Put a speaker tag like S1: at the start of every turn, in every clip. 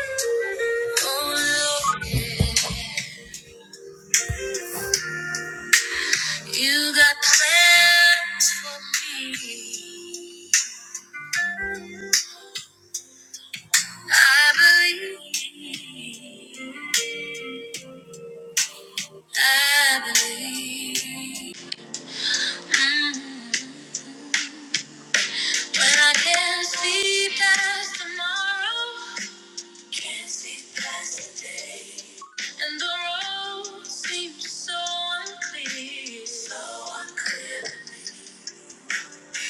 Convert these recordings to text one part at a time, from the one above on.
S1: Oh Lord, you got plans for me. I believe. I believe. Mm. But I can't see past tomorrow. Can't see past today. And the road seems so unclear. So unclear.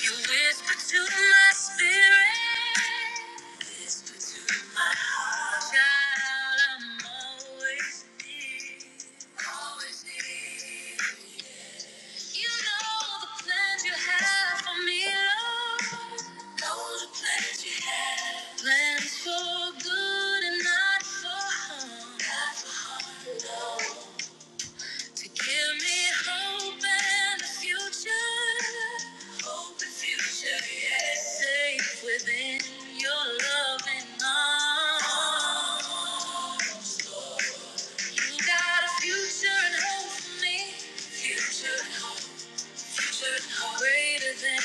S1: You whisper to my spirit, whisper to my heart. Child, I'm always near, always near. You know the plans you have for me, Lord. Know the plans you have. Plans for good and not for harm. Not for harm, no to give me hope and a future. Hope and future, yes. Safe within your loving arms. You got a future and hope for me. Future and hope, future and hope. Greater than I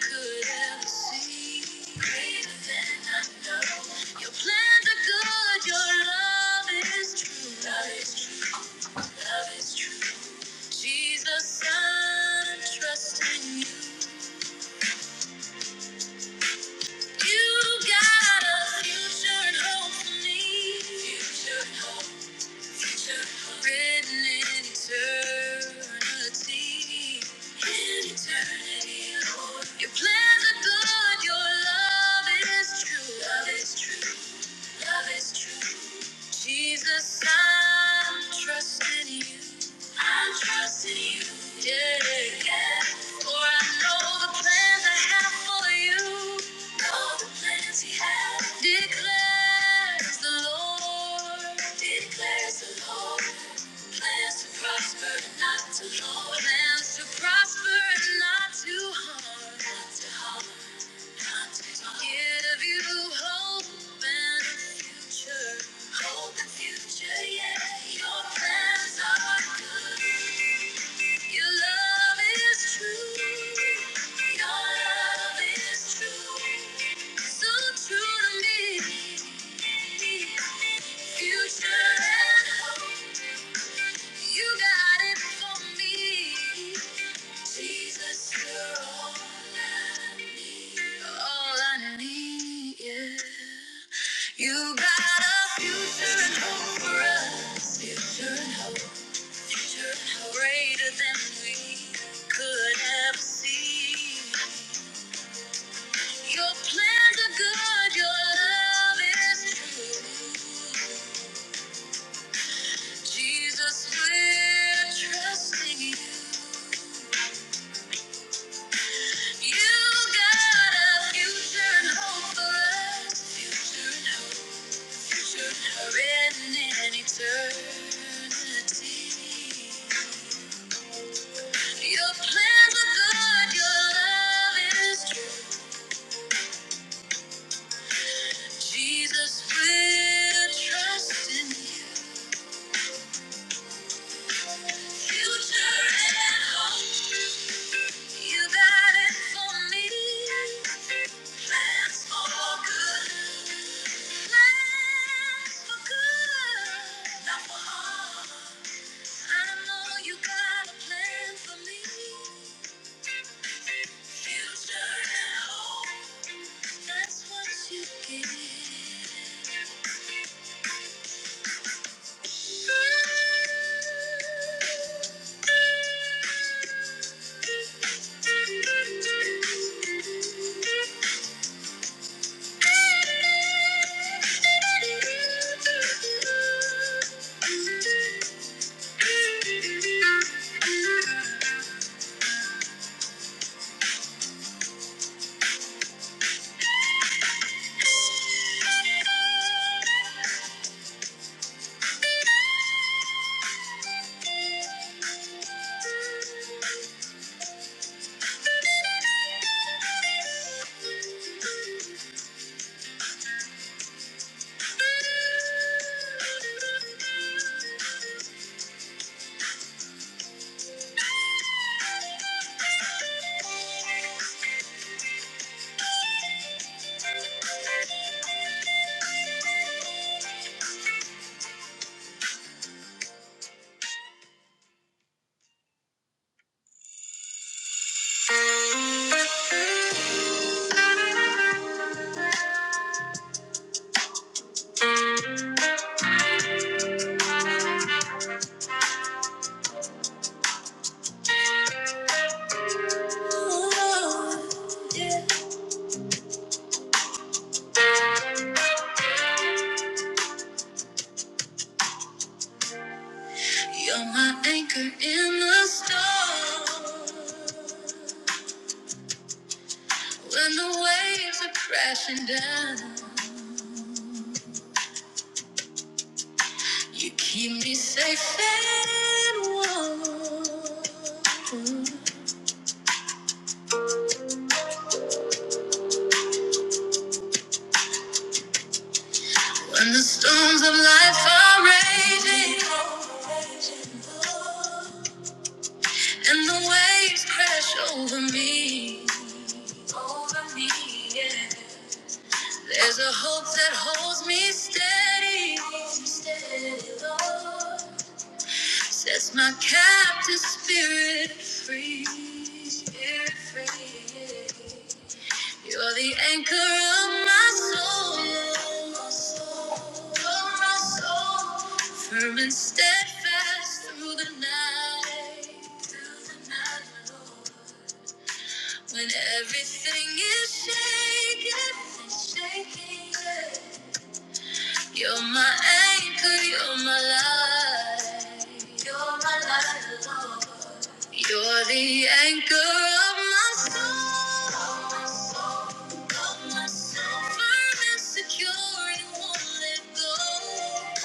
S1: could ever see. Greater than I know. Your plans are good, your love is true. Love is true, love is true. Jesus, I'm trusting you. You got a future and hope for me. Future and hope, future and hope. Written in eternity. In eternity, Lord. Your plans are good, your love is true. Love is true. Love is true. Jesus, I'm trusting you. I'm trusting you. Yeah. yeah. For I know the plans I have for you. Know the plans you have. Declares the Lord. Declares the Lord. Plans to prosper and not to harm. Plans to prosper and not to harm. Not to harm. Give you hope and a future. Hope and future, yeah. Your plans are good. Your love is true. Your love is true. So true to me. Future and hope. You got it for me. Jesus, you're all I need. All I need, yeah. You got a future and hope for us. Future and hope, future and hope. Greater than we could have seen. Your plans are good, your love is true. Jesus, we're trusting you. You got a future and hope for us. Written in eternity. Your plans are good, your love is true. Jesus, we're trusting you. Future and hope. You got it for me. Plans for good. Thank you. You're my anchor in the storm. When the waves are crashing down. You keep me safe and warm when the storms of life are raging and the waves crash over me. Over me, yeah. There's a hope that holds me steady, sets my captive spirit free. Spirit free. You're the anchor of my soul, of my soul, firm and steadfast through the night. Through the night, Lord. When everything is shaking, shaking, yeah. You're my anchor, you're my life. You're my life, Lord. You're the anchor of my soul. Of my soul. of my soul. Firm and secure, you won't let go.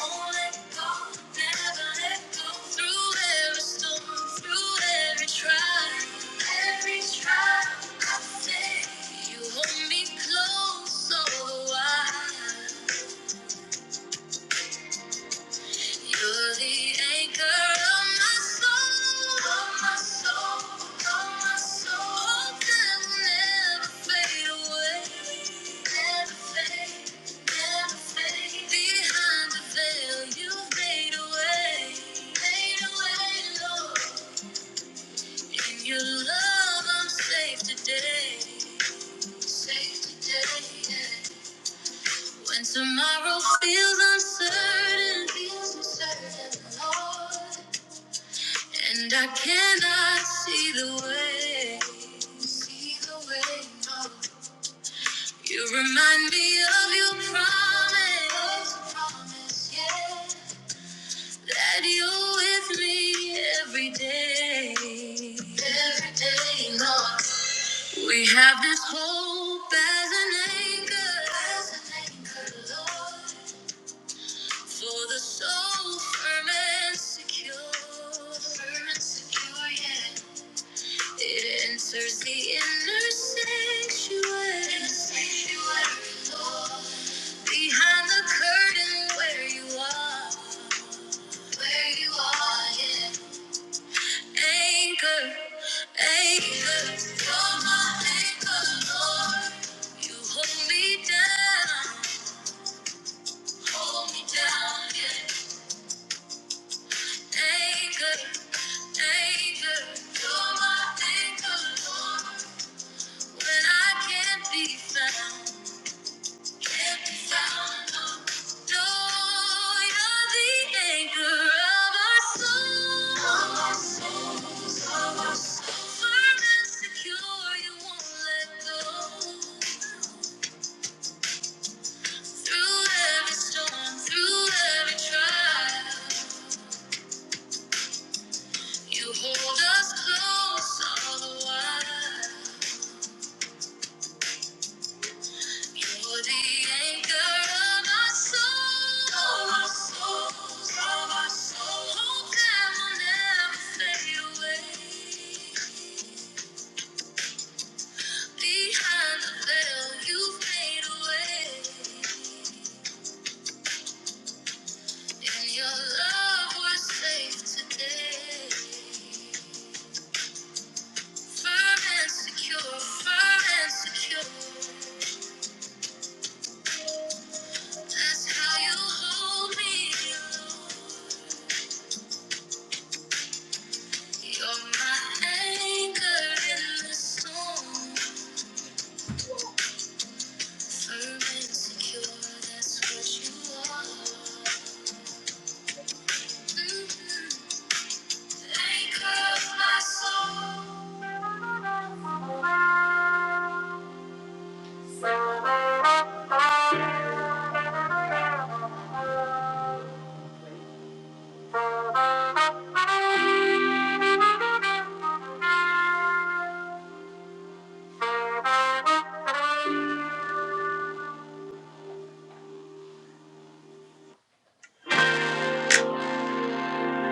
S1: Won't let go. Never let go. Through every storm, through every trial, every trial, I say you hold me close, so do I. You're the anchor of my soul, of my soul, of my soul. Can never fade away, never fade, never fade. Behind the veil, you made a way, made a way, Lord. In your love, I'm safe today, safe today. yeah. When tomorrow feels uncertain, feels uncertain, Lord. And I cannot see the way, see the way. oh. You remind me of your promise, promise, yeah. That you're with me every day, every day, Lord. We have this hope as an anchor, as an anchor, Lord, for the soul firm and secure, firm and secure, yeah. It enters the inner sanctuary. Behind the curtain where you are. Where you are, yeah. Anchor, anchor. You're my anchor, Lord. You hold me down. Hold me down, yeah. Anchor, anchor. You're my anchor, Lord. When I can't be found. You Hold us close all the while. You're the anchor of my soul. Of my soul. Of my soul. Hope that will never fade away. Behind the veil, you fade away. In your love, we're safe today. Firm and secure, firm and secure. That's how you hold me, Lord. You're my anchor in the storm, firm and secure. That's what you are. Mhm. Anchor of my soul.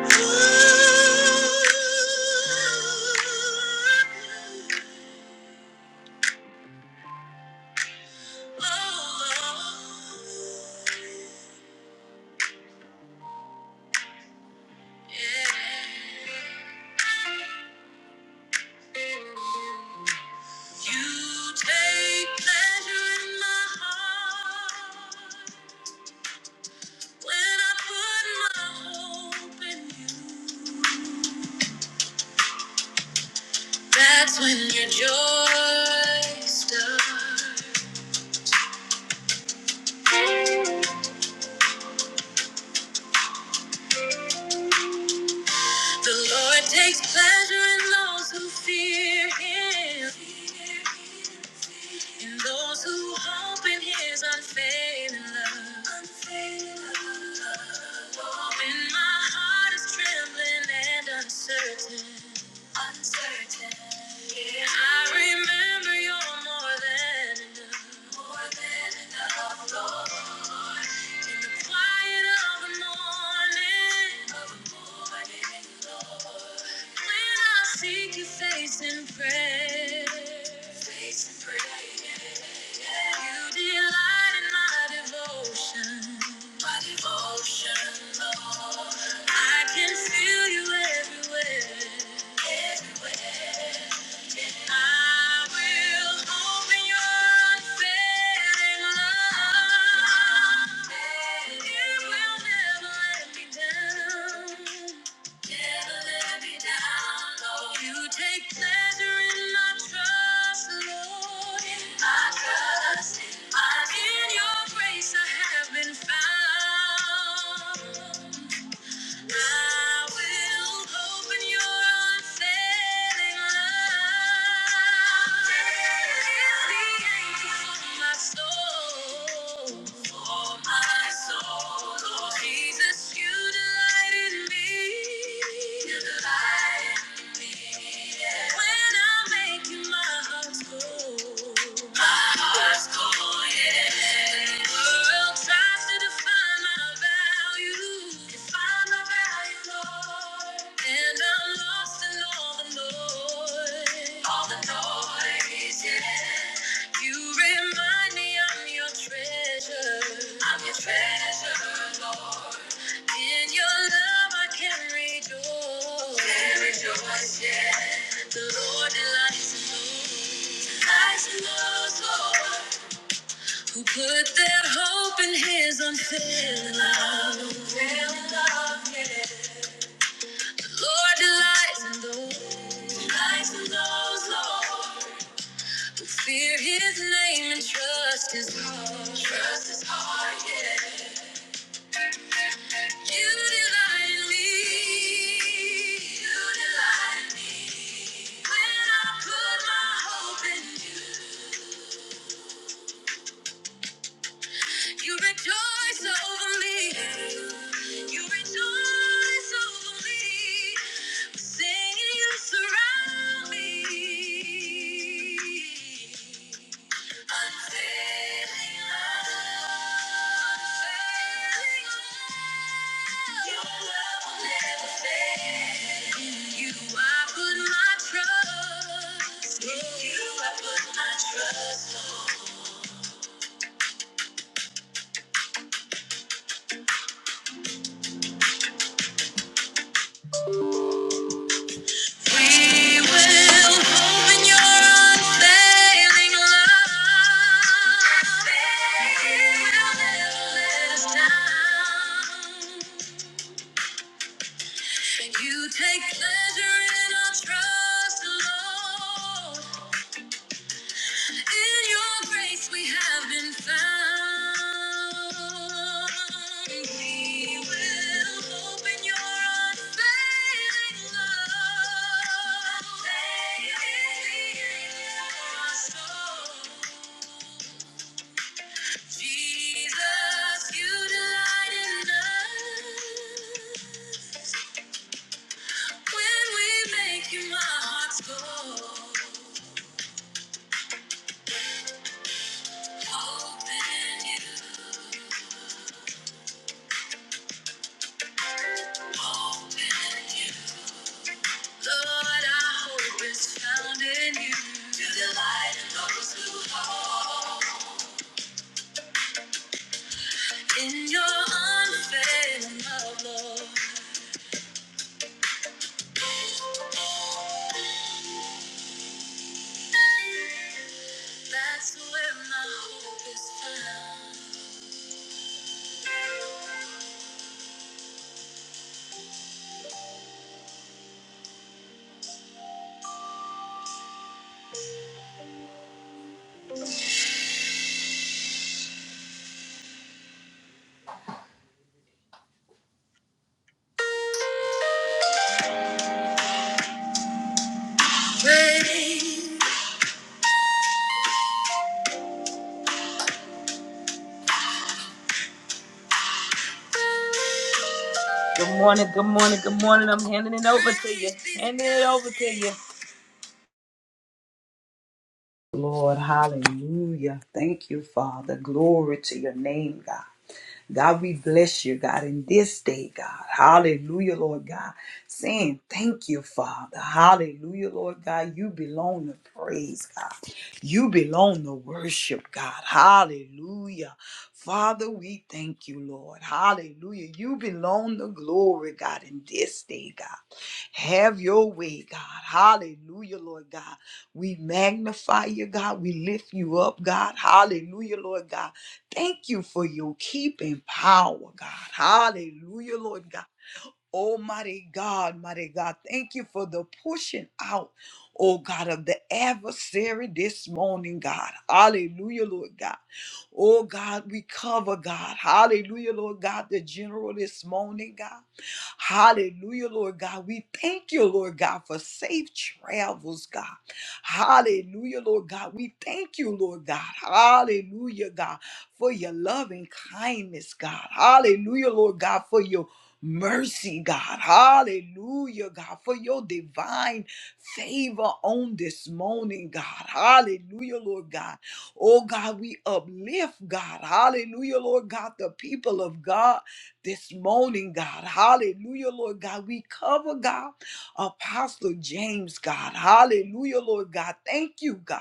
S1: You take pleasure in my heart when I put my hope in you. That's when your joy starts. The Lord takes pleasure in those who fear Him, in those who hope in His unfailing love. When my heart is trembling and uncertain. Uncertain. I remember You're more than enough. More than enough. In the quiet of the morning. When I seek your face in prayer, face in prayer, yeah, yeah. you delight in my devotion, my devotion, Lord. I can feel you everywhere. I will hope in your unfailing love. You will never let me down. Never let me down, Lord. You take pleasure in my trust, Lord. my trust, my in your grace I have been found. I will hope your unfailing love. Is the anchor for my soul. For my soul, Jesus, you delight in me. You delight in me. yeah. When I make you my heart's goal. Treasure, Lord. In your love I can rejoice. Can rejoice, yeah. The Lord delights in those. Delights in those, Lord. Who put their hope in his unfailing love. Unfailing love, yeah. The Lord delights in those. Delights in those, Lord. Who fear his name and trust his heart. Trust his heart, yeah. You delight in me. You delight in me. When I put my hope in you, you rejoice over me. You rejoice over me. Singing, you surround me. Unfailing love, unfailing love. Your love will never fail. In you I put my trust. In you I put my trust. We will hope in your unfailing love. You'll never let us down. And you take pleasure in our trust, Lord. In your grace we have been found. We will hope in your unfailing love. Unfailing love. Our soul. Jesus, you delight in us. When we make you my heart's goal. Hope in you. Hope in you. Lord, our hope is found in you. You're the light of those who fall. In your unfailing love, Lord, that's where my hope is found. Praise. Good morning, good morning, good morning. I'm handing it over to you. Handing it over to you.
S2: Lord, hallelujah. Thank you, Father. Glory to your name, God. God, we bless you, God, in this day, God. Hallelujah, Lord God. Saying thank you, Father. Hallelujah, Lord God. You belong to praise, God. You belong to worship, God. Hallelujah. Father, we thank you, Lord. Hallelujah. You belong to glory, God, in this day, God. Have your way, God. Hallelujah, Lord God. We magnify you, God. We lift you up, God. Hallelujah, Lord God. Thank you for your keeping power, God. Hallelujah, Lord God. Oh, mighty God, mighty God, thank you for the pushing out, oh God, of the adversary this morning, God. Hallelujah, Lord God. Oh God, we cover God. Hallelujah, Lord God, the general this morning, God. Hallelujah, Lord God. We thank you, Lord God, for safe travels, God. Hallelujah, Lord God. We thank you, Lord God. Hallelujah, God, for your loving kindness, God. Hallelujah, Lord God, for your mercy, God. Hallelujah, God, for your divine favor on this morning, God. Hallelujah, Lord God. Oh, God, we uplift, God. Hallelujah, Lord God, the people of God this morning, God. Hallelujah, Lord God. We cover, God, Apostle James, God. Hallelujah, Lord God. Thank you, God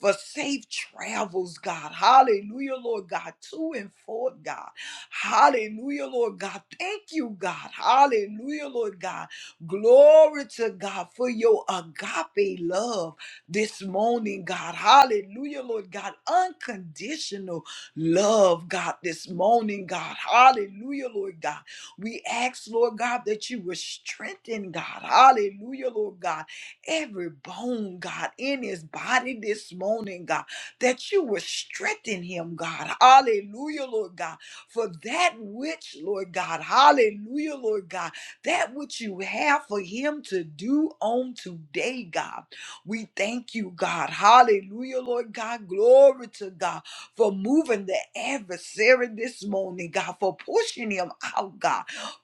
S2: for safe travels, God. Hallelujah, Lord God, to and forth, God. Hallelujah, Lord God. Thank you, God. Hallelujah, Lord God. Glory to God for your agape love this morning, God. Hallelujah, Lord God. Unconditional love, God, this morning, God. Hallelujah, Lord God. We ask, Lord God, that you would strengthen, God. Hallelujah, Lord God every bone, God, in his body this morning, God, that you will strengthen him, God. Hallelujah, Lord God, for that which, Lord God, hallelujah, Lord God, that which you have for him to do on today, God. We thank you, God. Hallelujah, Lord God. Glory to God for moving the adversary this morning, God, for pushing him out, God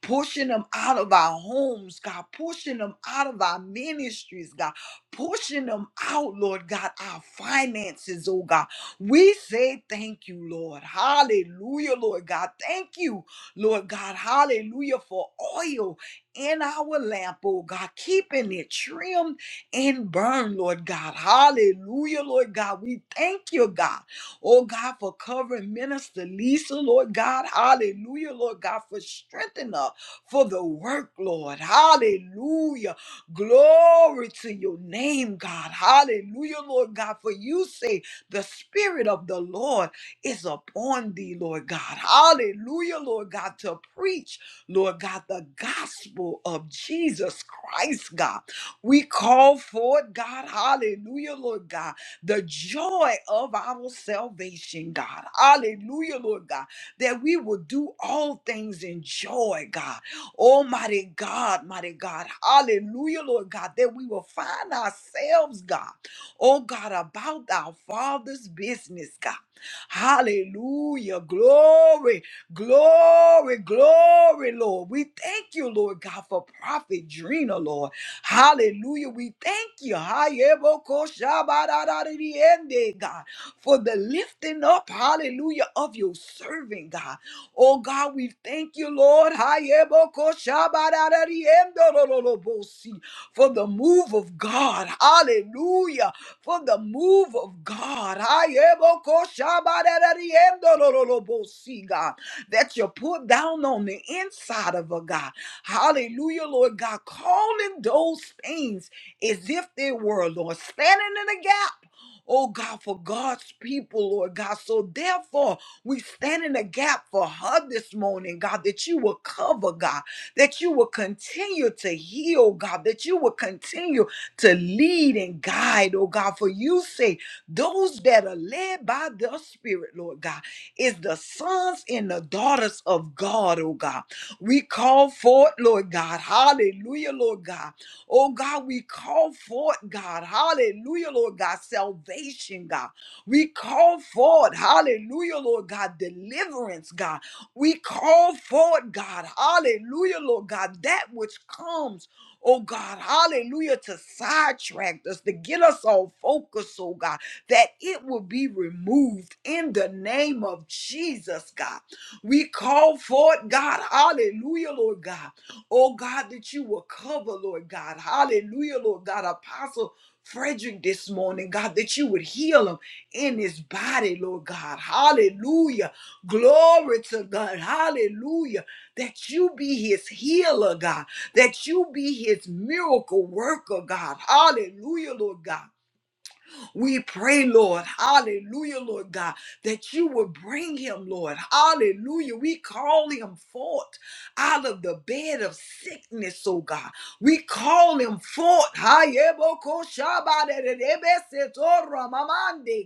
S2: pushing them out of our homes, God, pushing them out of our ministries, God, pushing them out, Lord God, our finances, oh God. We say thank you, Lord. Hallelujah, Lord God. Thank you, Lord God. Hallelujah for oil in our lamp, oh God, keeping it trimmed and burned, Lord God. Hallelujah, Lord God. We thank you, God. Oh God, for covering Minister Lisa, Lord God. Hallelujah, Lord God, for strengthening her for the work, Lord. Hallelujah. Glory to your name, God. Hallelujah, Lord God. For you say the Spirit of the Lord is upon thee, Lord God. Hallelujah, Lord God, to preach, Lord God, the gospel of Jesus Christ, God. We call forth, God. Hallelujah, Lord God, the joy of our salvation, God. Hallelujah, Lord God, that we will do all things in joy, God. Oh mighty God, mighty God. Hallelujah, Lord God, that we will find ourselves, God. Oh God, about our Father's business, God. Hallelujah. Glory, glory, glory, Lord. We thank you, Lord God, for Prophet Drina, Lord. Hallelujah. We thank you. Hayebokoshabararariende, God, for the lifting up, hallelujah, of your servant, God. Oh God, we thank you, Lord. For the move of God. Hallelujah. For the move of God. Hayebokoshabarariendorolobosi, God. That you put down on the inside of a God. Hallelujah, Lord God. Calling those things as if they were, Lord. Standing in the gap. Oh God, for God's people, Lord God. So therefore, we stand in the gap for her this morning, God, that you will cover, God, that you will continue to heal, God, that you will continue to lead and guide, oh God. For you say, those that are led by the Spirit, Lord God, is the sons and the daughters of God, oh God. We call forth, Lord God. Hallelujah, Lord God. Oh God, we call forth, God. Hallelujah, Lord God. Salvation, God. We call forward, hallelujah, Lord God, deliverance, God. We call forward, God, hallelujah, Lord God, that which comes, oh God, hallelujah, to sidetrack us, to get us off focus, oh God, that it will be removed in the name of Jesus, God. We call forward, God, hallelujah, Lord God, oh God, that you will cover, Lord God, hallelujah, Lord God, Apostle. Frederick this morning, God, that you would heal him, in his body, Lord God. Hallelujah. Glory to God. Hallelujah. That you be his healer, God. That you be his miracle worker, God. Hallelujah, Lord God. We pray, Lord, hallelujah, Lord God, that you will bring him, Lord, hallelujah. We call him forth out of the bed of sickness, oh God. We call him forth. Hayebokoshabadadadabesetora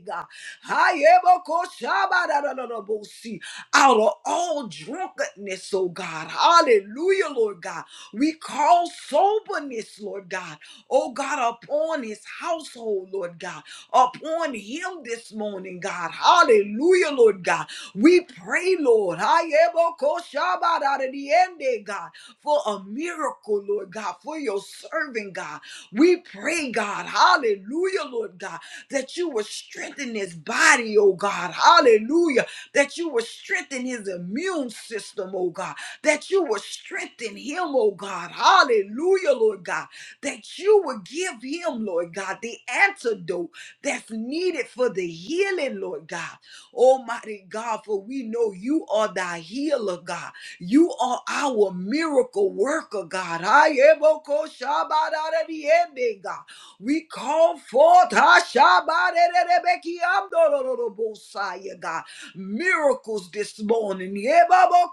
S2: God. Hayebokoshabadadadadabosi. Out of all drunkenness, oh God. Hallelujah, Lord God. We call soberness, Lord God. Oh God, upon his household, Lord God upon him this morning, God. Hallelujah, Lord God. We pray, Lord, Hayebokoshabadadidiende, God, for a miracle, Lord God, for your servant, God. We pray, God, hallelujah, Lord God, that you will strengthen his body, oh God, hallelujah, that you will strengthen his immune system, oh God, that you will strengthen him, oh God, hallelujah, Lord God, that you will give him, Lord God, the antidote that's needed for the healing, Lord God. Almighty God, for we know you are thy healer, God. You are our miracle worker, God. I am a ko- shabbat God. We call forth ah, shabbat, eh, eh, eh, God. Miracles this morning. Yeah, baba,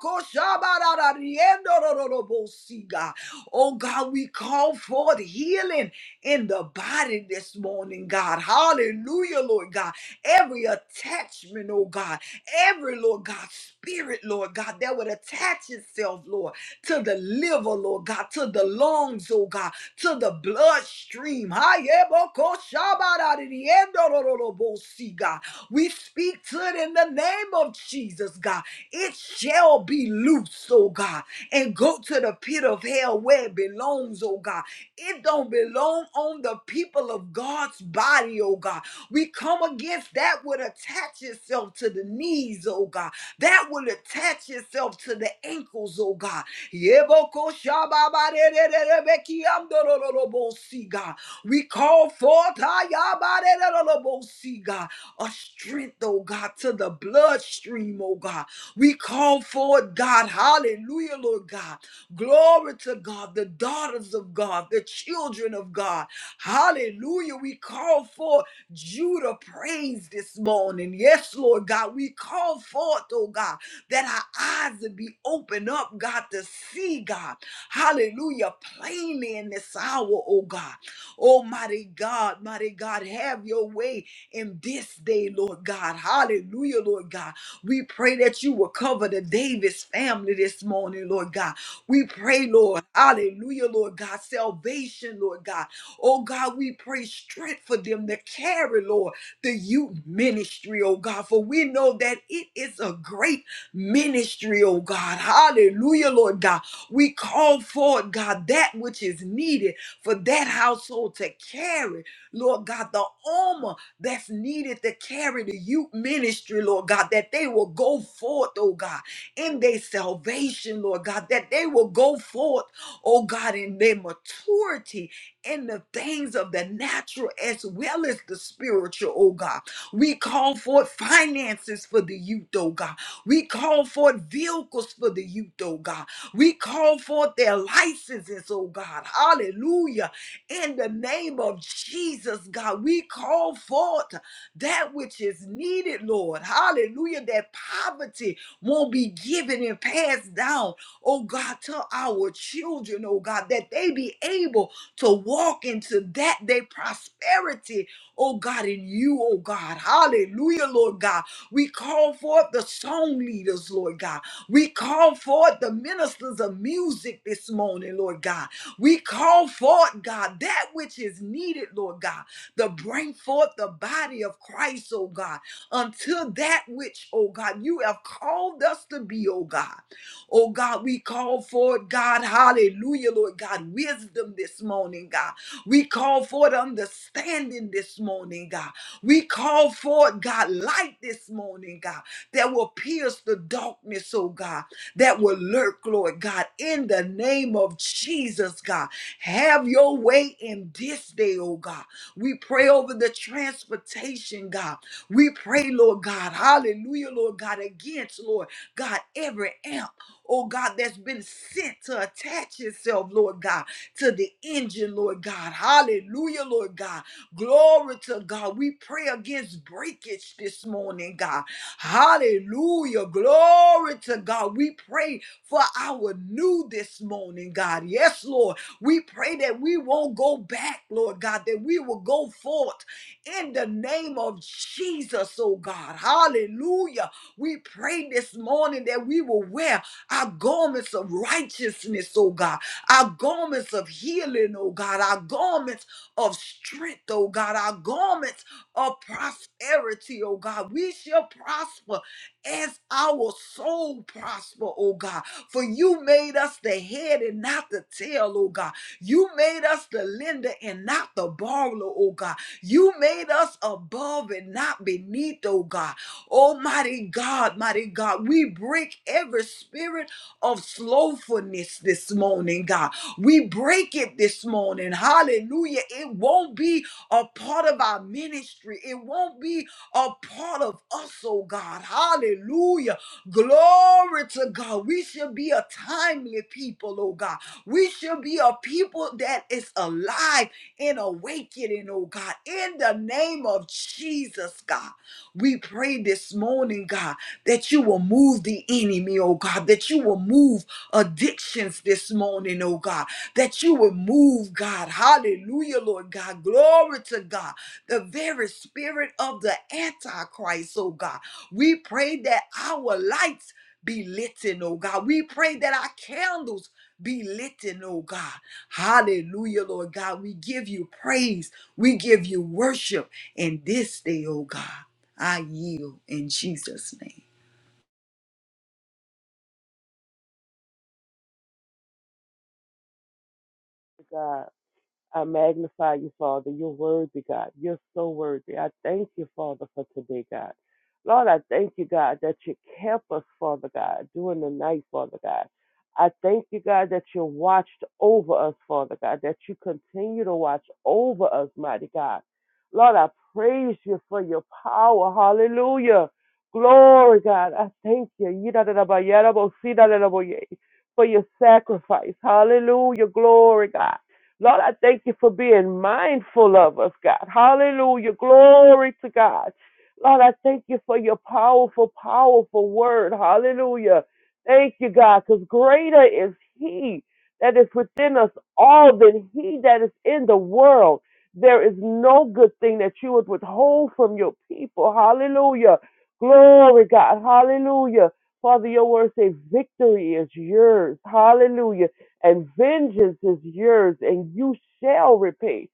S2: God. Oh God, we call forth healing in the body this morning, God. Hallelujah, Lord God. Every attachment, oh God, every, Lord God, spirit, Lord God, that would attach itself, Lord, to the liver, Lord God, to the lungs, oh God, to the bloodstream. Hayebokoshabaradidiendorororobosi, God. We speak to it in the name of Jesus, God. It shall be loose, oh God, and go to the pit of hell where it belongs, oh God it don't belong on the people of God's body, oh God. We come against that would attach itself to the knees, oh God. That will attach itself to the ankles, oh God. Yeboko shababarererebekiamdorororobosi, God. We call forth ayabarererorobosi, God, a strength, oh God, to the bloodstream, oh God. We call forth, God, hallelujah, Lord God. Glory to God, the daughters of God, the children of God. Hallelujah. We call for Judah praise this morning. Yes, Lord God. We call forth, oh God, that our eyes would be opened up, God, to see, God. Hallelujah. Plainly in this hour, oh God. Almighty God, mighty God, have your way in this day, Lord God. Hallelujah, Lord God. We pray that you will cover the Davis family this morning, Lord God. We pray, Lord. Hallelujah, Lord God. Salvation, Lord God. Oh God, we pray strength for them to carry, Lord, the youth ministry, oh God. For we know that it is a great ministry, oh God. Hallelujah, Lord God. We call forth, God, that which is needed for that household to carry, Lord God, the armor that's needed to carry the youth ministry, Lord God, that they will go forth, oh God in their salvation, Lord God, that they will go forth, oh God, in their maturity in the things of the natural as well as the spiritual, oh God. We call forth finances for the youth, oh God. We call forth vehicles for the youth, oh God. We call forth their licenses, oh God. Hallelujah. In the name of Jesus, God, we call forth that which is needed, Lord. Hallelujah. That poverty won't be given and passed down, oh God, to our children, oh God, that they be able to walk into that day prosperity, oh God, in you, oh God. Hallelujah, Lord God. We call forth the song leaders, Lord God. We call forth the ministers of music this morning, Lord God. We call forth, God, that which is needed, Lord God, to bring forth the body of Christ, oh God until that which, oh God, you have called us to be, oh God. Oh God, we call for it, God. Hallelujah, Lord God. Wisdom this morning, God. We call for it understanding this morning, God. We call for it, God, light this morning, God, that will pierce the darkness, oh God, that will lurk, Lord God, in the name of Jesus, God. Have your way in this day, oh God. We pray over the transportation, God. We pray, Lord God, hallelujah, Lord God, against, Lord God, every amp, oh God, that's been sent to attach itself, Lord God, to the engine, Lord God, hallelujah, Lord God, glory to God. We pray against breakage this morning, God, hallelujah, glory to God. We pray for our new this morning, God, yes, Lord. We pray that we won't go back, Lord God, that we will go forth in the name of Jesus, oh God. Hallelujah. We pray this morning that we will wear our garments of righteousness, oh God, our garments of healing, oh God, our garments of strength, oh God, our garments of prosperity, oh God. We shall prosper as our soul prosper, oh God. For you made us the head and not the tail, oh God. You made us the lender and not the borrower, oh God. You made us above and not beneath, oh God. Almighty God, mighty God, we break every spirit of slothfulness this morning, God. We break it this morning. Hallelujah. It won't be a part of our ministry, it won't be a part of us, oh God. Hallelujah. Glory to God. We should be a timely people, oh God. We should be a people that is alive in awakening, oh God. In the name of Jesus, God, we pray this morning, God, that you will move the enemy, oh God, that you will move addictions this morning, oh God, that you will move, God. Hallelujah, Lord God. Glory to God. The very spirit of the Antichrist, oh God. We pray that our lights be lit, in, oh God. We pray that our candles be lit, in, oh God. Hallelujah, Lord God. We give you praise. We give you worship in this day, oh God. I yield in Jesus' name.
S3: God. I magnify you, Father. You're worthy, God. You're so worthy. I thank you, Father, for today, God. Lord, I thank you, God, that you kept us, Father God, during the night, Father God. I thank you, God, that you watched over us, Father God, that you continue to watch over us, mighty God. Lord, I praise you for your power. Hallelujah. Glory, God. I thank you. Yidadadabayadabosidadadaboye, For your sacrifice. Hallelujah. Glory, God. Lord, I thank you for being mindful of us, God. Hallelujah. Glory to God. Lord, I thank you for your powerful, powerful word. Hallelujah. Thank you, God, because greater is He that is within us all than He that is in the world. There is no good thing that you would withhold from your people. Hallelujah. Glory, God. Hallelujah. Father, your word says victory is yours. Hallelujah and vengeance is yours, and you shall repay.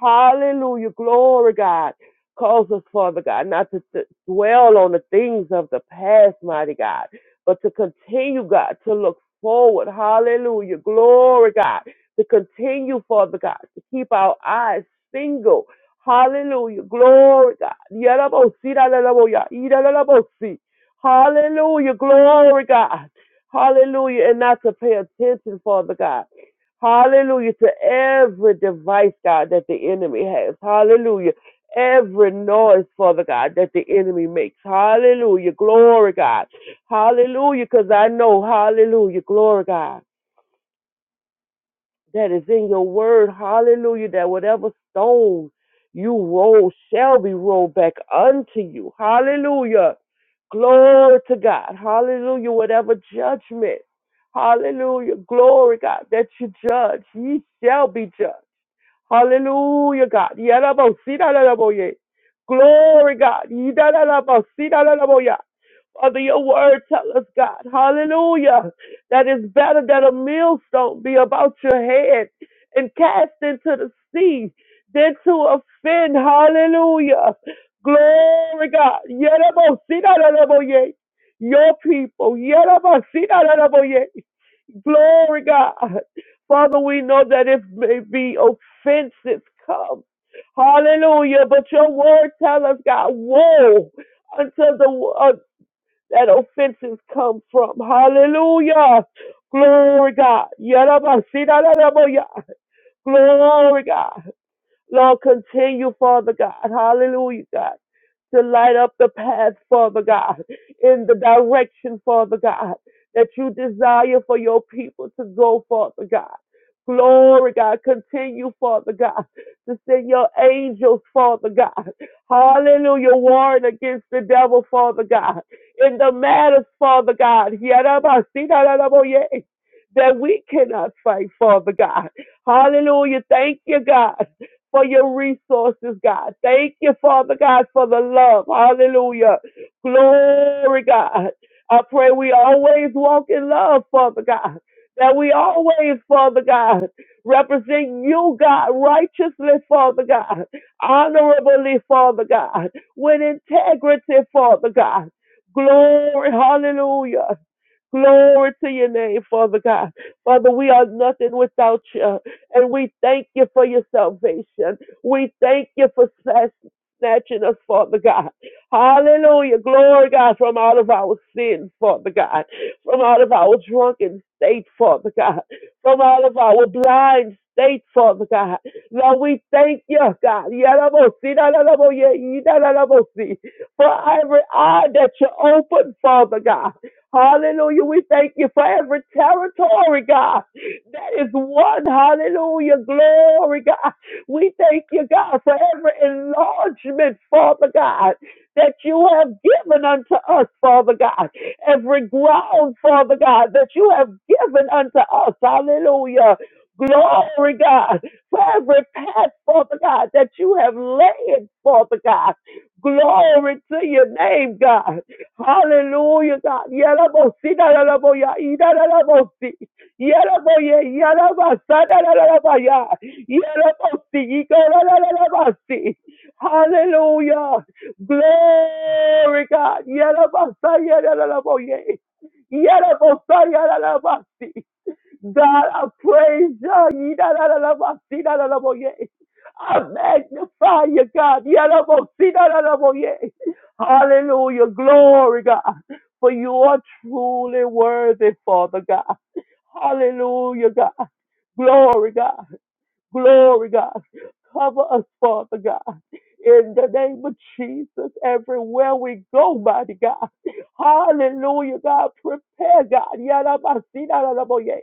S3: Hallelujah. Glory, God. Cause us, Father God, not to, to dwell on the things of the past, mighty God, but to continue, God, to look forward. Hallelujah. Glory, God. To continue, Father God, to keep our eyes single. Hallelujah. Glory, God. Yalabosi, lalalaboya, yalalabosi. Hallelujah. Glory, God. Hallelujah. And not to pay attention, Father God. Hallelujah to every device, God, that the enemy has. Hallelujah. Every noise, Father God, that the enemy makes. Hallelujah. Glory, God. Hallelujah. Because I know, hallelujah, glory, God, that is in your word. Hallelujah. That whatever stone you roll shall be rolled back unto you. Hallelujah. Glory to God. Hallelujah. Whatever judgment. Hallelujah. Glory, God, that you judge. Ye shall be judged. Hallelujah, God. Yadabosita, Glory, God. Yidadabosita, Father, your word tell us, God, hallelujah, that it's better that a millstone be about your head and cast into the sea than to offend. Hallelujah. Glory, God. Yadabosita, Your people. Yadabosita, Glory, God. Father, we know that it may be offenses come. Hallelujah. But your word tell us, God, woe until the uh, that offenses come from. Hallelujah. Glory, God. Yarabasidarababoya. Glory, God. Lord, continue, Father God, hallelujah, God, to light up the path, Father God, in the direction, Father God, that you desire for your people to go, Father God. Glory, God, continue, Father God, to send your angels, Father God. Hallelujah, warring against the devil, Father God. In the matters, Father God, that we cannot fight, Father God. Hallelujah, thank you, God for your resources, God. Thank you, Father God, for the love. Hallelujah. Glory, God. I pray we always walk in love, Father God. That we always, Father God, represent you, God, righteously, Father God, honorably, Father God, with integrity, Father God. Glory, hallelujah. Glory to your name, Father God. Father, we are nothing without you. And we thank you for your salvation. We thank you for snatch- snatching us, Father God. Hallelujah. Glory, God, from out of our sins, Father God. From out of our drunken state, Father God. From out of our blind state, Father God. Lord, we thank you, God. Yalabosi, lalabo, ye- yidalalabosi, For every eye that you open, Father God. Hallelujah. We thank you for every territory, God. That is one. Hallelujah. Glory, God. We thank you, God, for every enlargement, Father God, that you have given unto us, Father God. Every ground, Father God, that you have given unto us. Hallelujah. Glory, God, for every path, Father God, that you have laid, Father God. Glory to your name, God. Hallelujah, God. Yalabosi, dalalaboya, idalalabosi. Yalaboye, yalabasa, dalalabaya. Yalabosi, igalalalabasi. Hallelujah. Glory, God. Yalabasa, yalalaboye. Yalabosa, yalalabasi. God, I praise you. Yidadadadabasidadadaboye. I magnify you, God. Yadabosidadadaboye. Hallelujah. Glory, God. For you are truly worthy, Father God. Hallelujah, God. Glory, God. Glory, God. Cover us, Father God. In the name of Jesus, everywhere we go, mighty God. Hallelujah, God. Prepare, God. Yadabasirararaboye.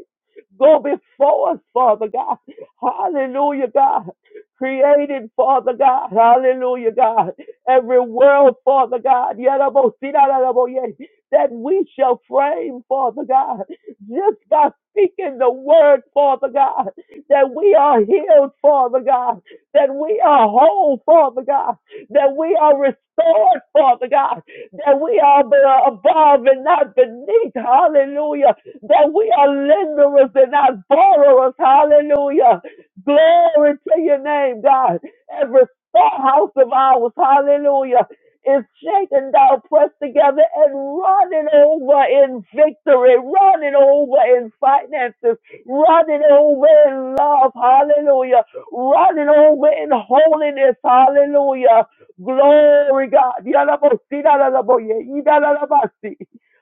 S3: Go before us, Father God. Hallelujah, God. Created, Father God. Hallelujah, God. Every world, Father God. Yadabosirararaboye. That we shall frame, Father God. Just by speaking the word, Father God that we are healed, Father God, that we are whole, Father God, that we are restored, Father God, that we are above and not beneath, hallelujah, that we are lenders and not borrowers, hallelujah. Glory to your name, God. Every storehouse of ours, hallelujah, is shaken down, pressed together, and running over in victory, running over in finances, running over in love, hallelujah, running over in holiness, hallelujah. Glory God. Yalabosi, yalalaboye, yidalalabasi.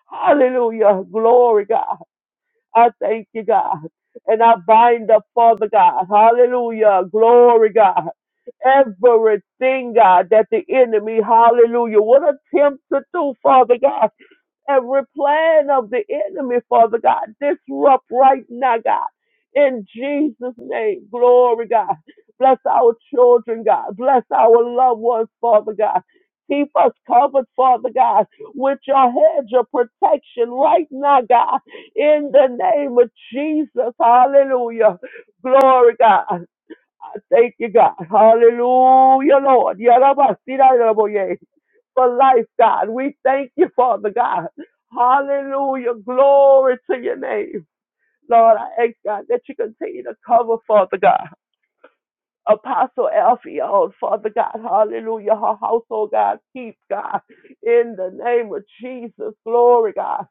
S3: Hallelujah. Glory God. I thank you, God. And I bind up, Father God. Hallelujah. Glory God. Everything, God, that the enemy, hallelujah, would attempt to do, Father God every plan of the enemy, Father God. Disrupt right now, God. In Jesus' name, glory, God. Bless our children, God. Bless our loved ones, Father God. Keep us covered, Father God, with your hedge of protection right now, God. In the name of Jesus, hallelujah. Glory, God. I Thank you, God. Hallelujah, Lord. Yarabasira, yaraboye for life, God. We thank you, Father God. Hallelujah. Glory to your name. Lord, I ask God that you continue to cover, Father God. Apostle Alfie, oh Father God, hallelujah, her household, God, keep God, in the name of Jesus, glory, God,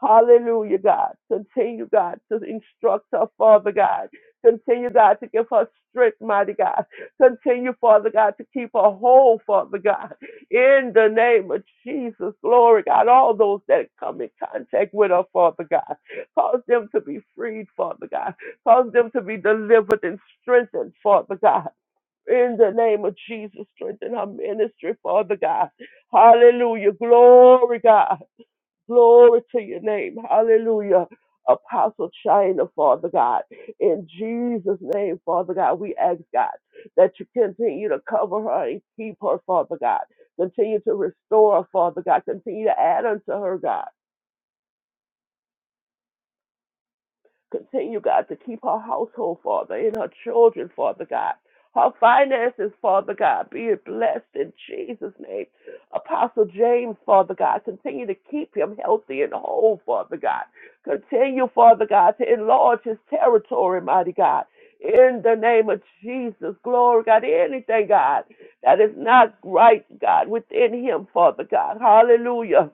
S3: hallelujah, God, continue, God, to instruct her, Father God, continue, God, to give her strength, mighty God, continue, Father God, to keep her whole, Father God, in the name of Jesus, glory, God, all those that come in contact with her, Father God, cause them to be freed, Father God, Cause them to be delivered and strengthened, Father God. In the name of Jesus, strengthen our ministry, Father God. Hallelujah. Glory, God. Glory to your name. Hallelujah. Apostle China, Father God. In Jesus' name, Father God, we ask God that you continue to cover her and keep her, Father God. Continue to restore her, Father God. Continue to add unto her, God. Continue, God, to keep her household, Father, and her children, Father God. Her finances, Father God, be it blessed in Jesus' name. Apostle James, Father God, continue to keep him healthy and whole, Father God. Continue, Father God, to enlarge his territory, mighty God. In the name of Jesus, glory, God, anything, God, that is not right, God, within him, Father God. Hallelujah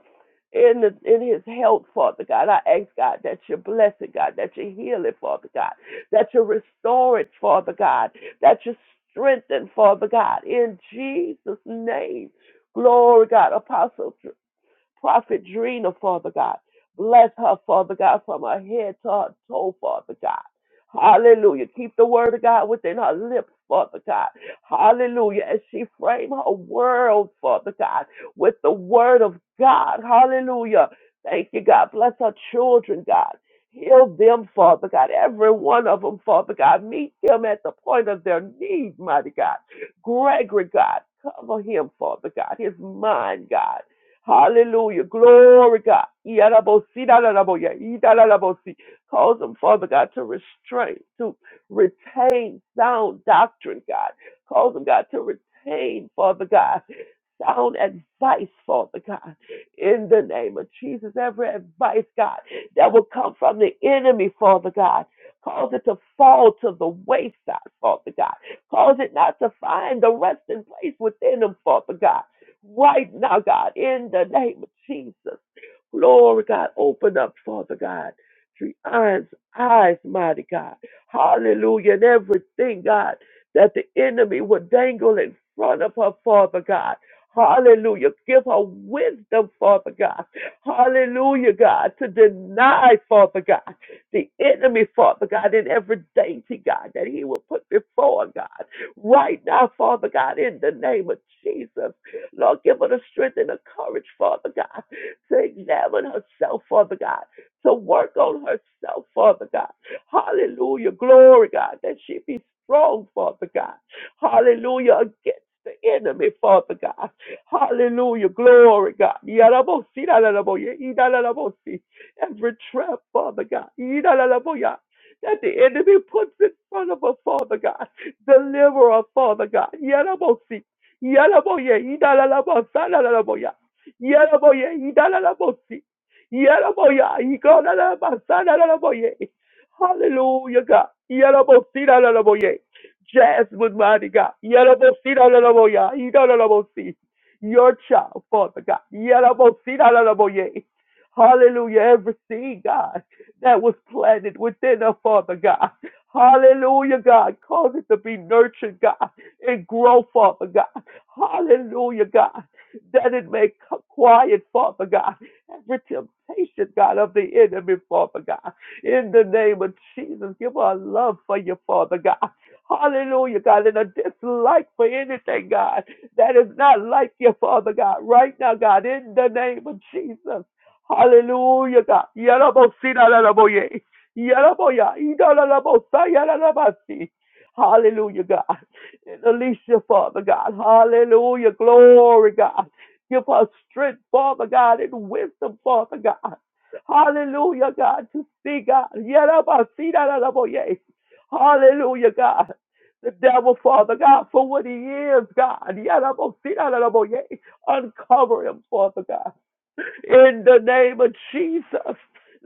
S3: in the, in his health, Father God. I ask God that you bless it, God, that you heal it, Father God, that you restore it, Father God, that you strengthen, Father God, in Jesus' name. Glory, God, Apostle. Prophet Drina, Father God. Bless her, Father God, from her head to her toe, Father God. Hallelujah. Keep the word of God within her lips, Father God. Hallelujah. As she frame her world, Father God, with the word of God. Hallelujah. Thank you, God. Bless her children, God. Heal them, Father God. Every one of them, Father God. Meet them at the point of their need, mighty God. Gregory, God. Cover him, Father God. His mind, God. Hallelujah. Glory, God. Yarabosi, daraboya, idarabosi. Cause them, Father God, to restrain, to retain sound doctrine, God. Cause them, God, to retain, Father God sound advice, Father God, in the name of Jesus. Every advice, God, that will come from the enemy, Father God. Cause it to fall to the wayside, Father God. Cause it not to find the resting place within them, Father God. Right now, God, in the name of Jesus. Glory, God. Open up, Father God. Drion's eyes, mighty God. Hallelujah. And everything, God, that the enemy would dangle in front of her, Father God. Hallelujah. Give her wisdom, Father God. Hallelujah, God, to deny, Father God, the enemy, Father God, in every dainty, God, that he will put before God. Right now, Father God, in the name of Jesus. Lord, give her the strength and the courage, Father God to examine herself, Father God, to work on herself, Father God. Hallelujah. Glory, God, that she be strong, Father God. Hallelujah. Against the enemy, Father God. Hallelujah. Glory, God. Yarabosi, lalalaboye, idalalabosi. Every trap, Father God. Idalalaboya, That the enemy puts in front of her, Father God. Deliver her, Father God. Yarabosi, Yalaboye, idalalabosa, Yaraboye, Idalabosi. Yaraboya, Igonalabasanaboye. Hallelujah, God. Yarabosi, Dalaboye. Jasmine, mighty God. Yarabosi, Dalaboya, Idalabosi. Your child, Father God. Yarabosi, Dalaboye. Hallelujah, everything, God, that was planted within us, Father God. Hallelujah, God. Cause it to be nurtured, God, and grow, Father God. Hallelujah, God. That it may quiet, Father God, every temptation, God, of the enemy, Father God. In the name of Jesus, give her a love for you, Father God. Hallelujah, God, and a dislike for anything, God, that is not like you, Father God, right now, God, in the name of Jesus. Hallelujah, God. Yarabosina lalaboye. Yaraboya. Idalalabosa yaralabasi. Hallelujah, God. And Alicia, Father God. Hallelujah. Glory, God. Give us strength, Father God, and wisdom, Father God. Hallelujah, God, to see God. Yerabasidaraboye. Hallelujah, God. The devil, Father God, for what he is, God. Yerabasidaraboye. Uncover him, Father God. In the name of Jesus,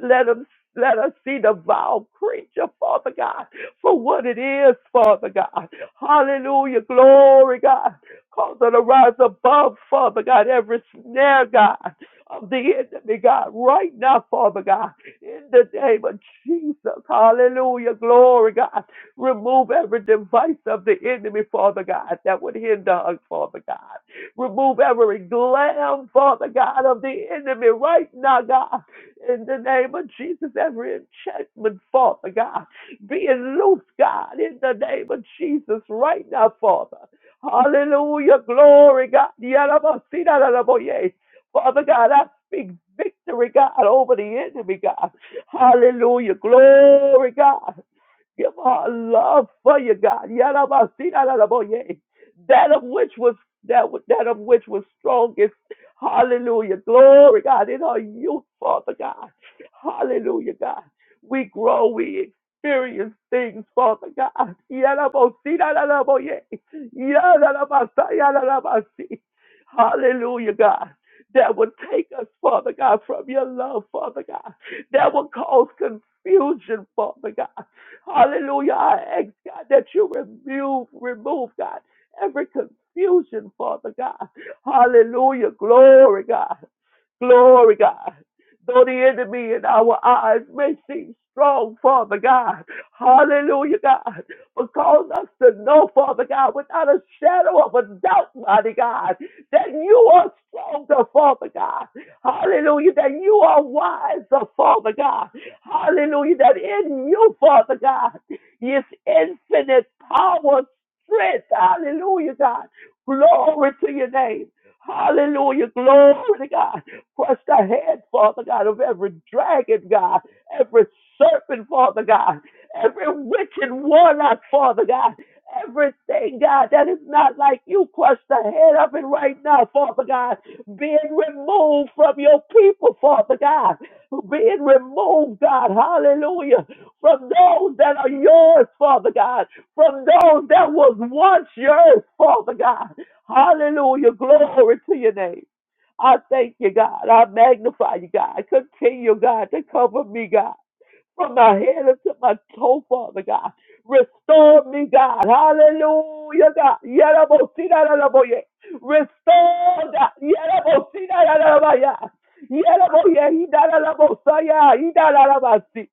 S3: let them let us see the vile creature, Father God, for what it is, Father God. Hallelujah. Glory, God. Cause her to rise above, Father God, every snare, God, of the enemy, God, right now, Father God, in the name of Jesus. Hallelujah. Glory, God. Remove every device of the enemy, Father God, that would hinder us, Father God. Remove every glam, Father God, of the enemy right now, God. In the name of Jesus, every enchantment, Father God, being loose, God, in the name of Jesus, right now, Father. Hallelujah, glory, God. Yalabasidalaboye. Father God, I speak victory, God, over the enemy, God. Hallelujah, glory, God. Give her a love for you, God. Yarabasiraraboye. That of which was that that of which was strongest. Hallelujah. Glory, God, in our youth, Father God. Hallelujah, God. We grow, we experience things, Father God. Yarabosiraraboye. Yarabasa- yarabasi. Hallelujah, God. That would take us, Father God, from your love, Father God. That would cause confusion, Father God. Hallelujah. I ask God that you remove, remove God, every confusion, Father God. Hallelujah. Glory, God. Glory, God. Though the enemy in our eyes may seem strong, Father God. Hallelujah, God. But cause us to know, Father God, without a shadow of a doubt, mighty God, that you are stronger, Father God. Hallelujah, that you are wiser, Father God. Hallelujah. That in you, Father God, is infinite power, strength. Hallelujah, God. Glory to your name. Hallelujah. Glory to God. Crush the head, Father God, of every dragon, God, every serpent, Father God, every witch and warlock, Father God. Everything, God, that is not like you, crush the head of it right now, Father God. Being removed from your people, Father God being removed, God, hallelujah, from those that are yours, Father God, from those that was once yours, Father God. Hallelujah, glory to your name. I thank you, God. I magnify you, God. Continue, God, to cover me, God from my head up to my toe, Father God. Restore me, God. Hallelujah, God. Yerabosinarabaya. Restore, God. Yerabosinarabaya. Yeraboya, hidalarabosaya, hidalarabasi.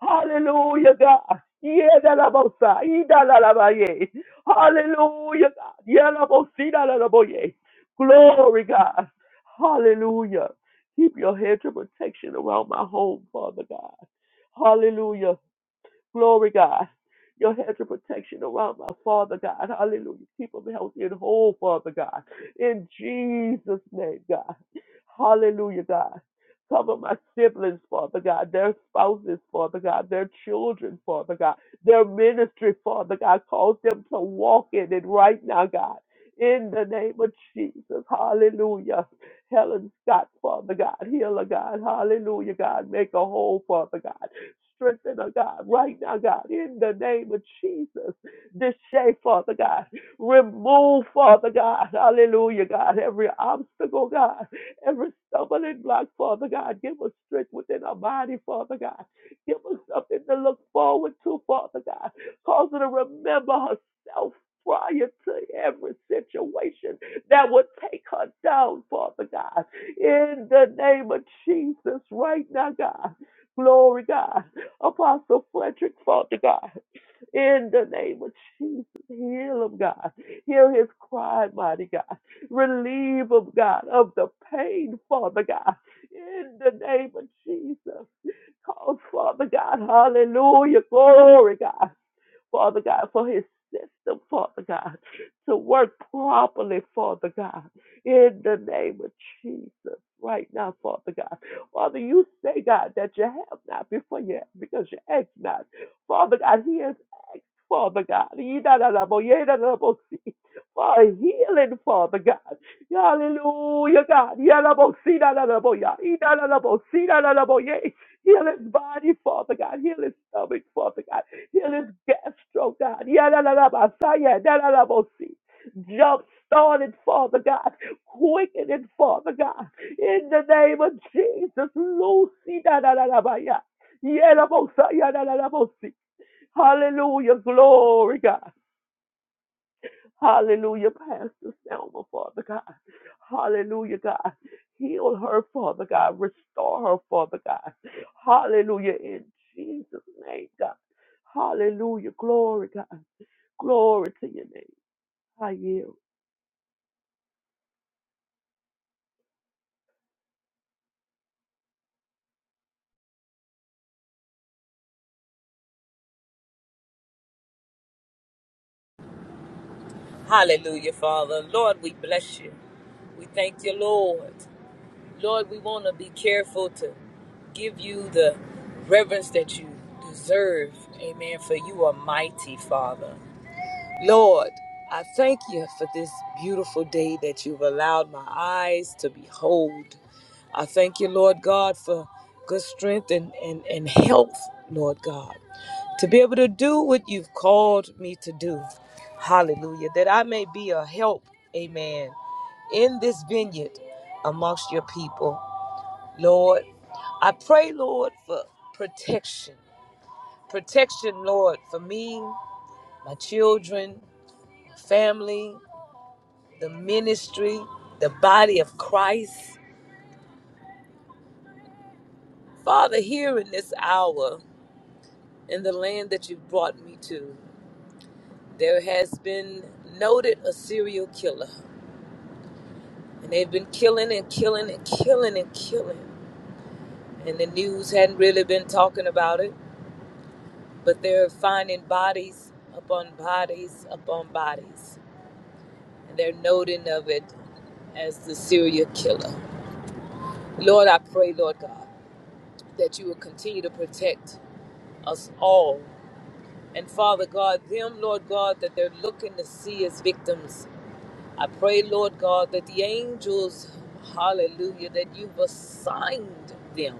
S3: Hallelujah, God. Yedalabosa, hidalarabaya. Hallelujah, God. Yerabosinarabaya. Glory, God. Hallelujah. Keep your hedge of protection around my home, Father God. Hallelujah. Glory, God. Your hedge of protection around my Father God. Hallelujah. Keep them healthy and whole, Father God. In Jesus' name, God. Hallelujah, God. Cover my siblings, Father God, their spouses, Father God, their children, Father God, their ministry, Father God. Cause them to walk in it right now, God. In the name of Jesus. Hallelujah. Helen Scott, Father God, healer God, hallelujah, God, make a whole, Father God. Strengthen her, God, right now, God, in the name of Jesus. This day, Father God, remove, Father God, hallelujah, God, every obstacle, God, every stumbling block, Father God. Give us strength within our body, Father God. Give us something to look forward to, Father God. Cause her to remember herself prior to every situation that would take her down, Father God. In the name of Jesus, right now, God. Glory, God. Apostle Frederick, Father God, in the name of Jesus, heal him, God. Hear his cry, mighty God. Relieve him, God, of the pain, Father God, in the name of Jesus. Cause, Father God, hallelujah, glory, God. Father God, for his system, Father God, to work properly, Father God, in the name of Jesus. Right now, Father God. Father, you say, God, that you have not before you ask, because you ask not. Father God, he has asked, Father God. He da- da- da- bo- yeah, da- da- bo- see. For healing, Father God. Hallelujah, God. Yeah, da- bo- see, da- da- da- bo- yeah. He da- da- da- bo- see, da- da- da- bo- yeah. Heal his body, Father God. Heal his stomach, Father God. Heal his gastro, God. Yadadadabasaya, dadadabosi. Jump started, Father God. Quicken it, Father God. In the name of Jesus, Lucy. dadadadabaya. Yadabosaya, dadadabosi. Hallelujah, glory, God. Hallelujah, Pastor Selma, Father God. Hallelujah, God. Heal her, Father God. Restore her, Father God. Hallelujah, in Jesus' name, God. Hallelujah, glory, God. Glory to your name. I yield.
S1: Hallelujah, Father. Lord, we bless you. We thank you, Lord. Lord, we want to be careful to give you the reverence that you deserve. Amen. For you are mighty, Father. Lord, I thank you for this beautiful day that you've allowed my eyes to behold. I thank you, Lord God, for good strength and, and, and health, Lord God, to be able to do what you've called me to do. Hallelujah. That I may be a help, amen, in this vineyard amongst your people. Lord, I pray, Lord, for protection. Protection, Lord, for me, my children, family, the ministry, the body of Christ. Father, here in this hour, in the land that you've brought me to, there has been noted a serial killer. And they've been killing and killing and killing and killing. And the news hadn't really been talking about it, but they're finding bodies upon bodies upon bodies. They're noting of it as the serial killer. Lord, I pray, Lord God, that you will continue to protect us all. And Father God, them, Lord God, that they're looking to see as victims. I pray, Lord God, that the angels, hallelujah, that you've assigned them,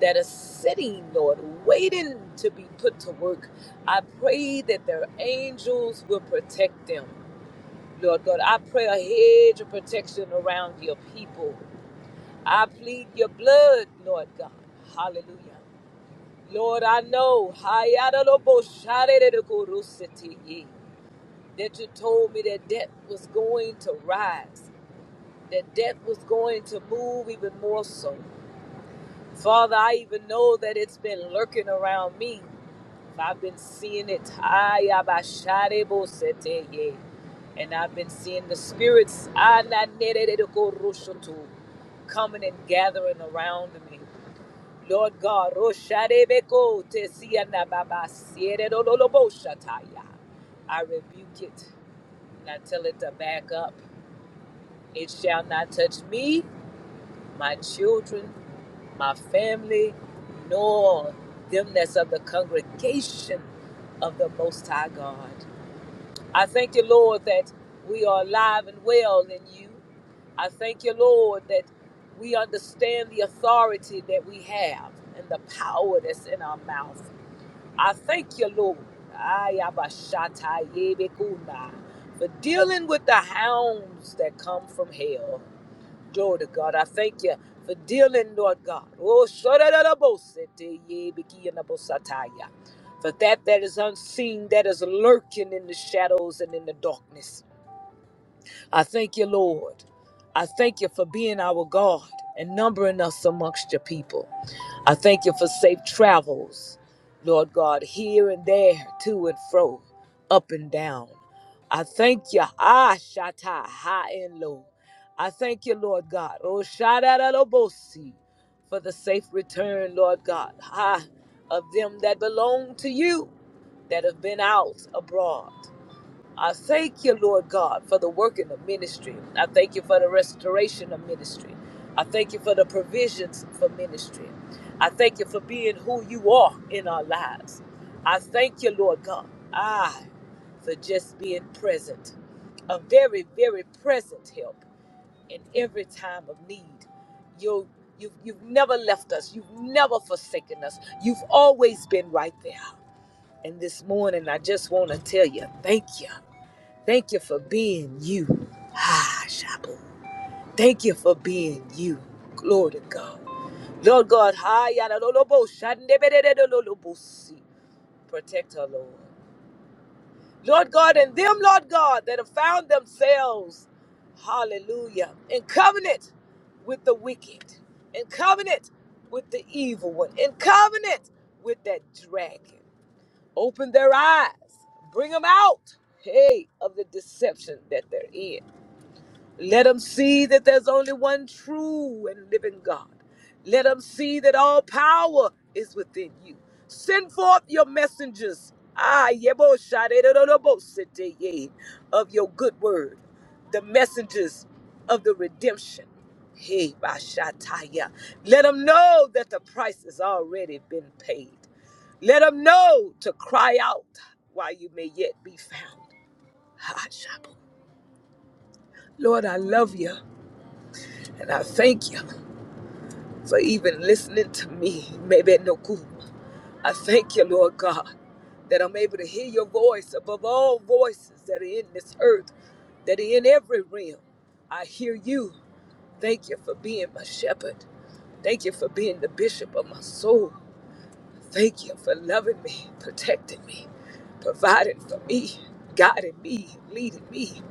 S1: that are sitting, Lord, waiting to be put to work. I pray that their angels will protect them. Lord God, I pray a hedge of protection around your people. I plead your blood, Lord God. Hallelujah. Lord, I know that you told me that death was going to rise, that death was going to move even more so. Father, I even know that it's been lurking around me. I've been seeing it. Ayabasharebosete. And I've been seeing the spirits Ananererekoroshoto, coming and gathering around me. Lord God, Rosharebeko tesianababasiereroloboshataya. I rebuke it and I tell it to back up. It shall not touch me, my children, my family, nor them that's of the congregation of the Most High God. I thank you, Lord, that we are alive and well in you. I thank you, Lord, that we understand the authority that we have and the power that's in our mouth. I thank you, Lord, Ayabashatayebekuna, for dealing with the hounds that come from hell. Glory to God. I thank you for dealing, Lord God. Oh, shorerabosete, ye bikiyanabosatai. yeah. for that that is unseen, that is lurking in the shadows and in the darkness. I thank you, Lord. I thank you for being our God and numbering us amongst your people. I thank you for safe travels, Lord God, here and there, to and fro, up and down. I thank you, Ah Shatai, high and low. I thank you, Lord God, Oh Shadadabosi, for the safe return, Lord God, ah, of them that belong to you, that have been out abroad. I thank you, Lord God, for the work in the ministry. I thank you for the restoration of ministry. I thank you for the provisions for ministry. I thank you for being who you are in our lives. I thank you, Lord God, I, for just being present, a very, very present help in every time of need. You, you've, you've never left us. You've never forsaken us. You've always been right there. And this morning, I just want to tell you, thank you. Thank you for being you. Ah, Shabu. Thank you for being you. Glory to God. Lord God, hi, yada, lo, lo, bo, shande, be, de, de, de, lo, lo, bo, si. protect her, Lord. Lord God, and them, Lord God, that have found themselves, hallelujah, in covenant with the wicked, in covenant with the evil one, in covenant with that dragon. Open their eyes, bring them out, hey, of the deception that they're in. Let them see that there's only one true and living God. Let them see that all power is within you. Send forth your messengers. Ah, yebo shadedodobos ye, of your good word, the messengers of the redemption. Hey, Bashataya. Let them know that the price has already been paid. Let them know to cry out while you may yet be found. Ha, Shabu. Lord, I love you and I thank you. for even listening to me, maybe at no cool. I thank you, Lord God, that I'm able to hear your voice above all voices that are in this earth, that are in every realm. I hear you. Thank you for being my shepherd. Thank you for being the bishop of my soul. Thank you for loving me, protecting me, providing for me, guiding me, leading me.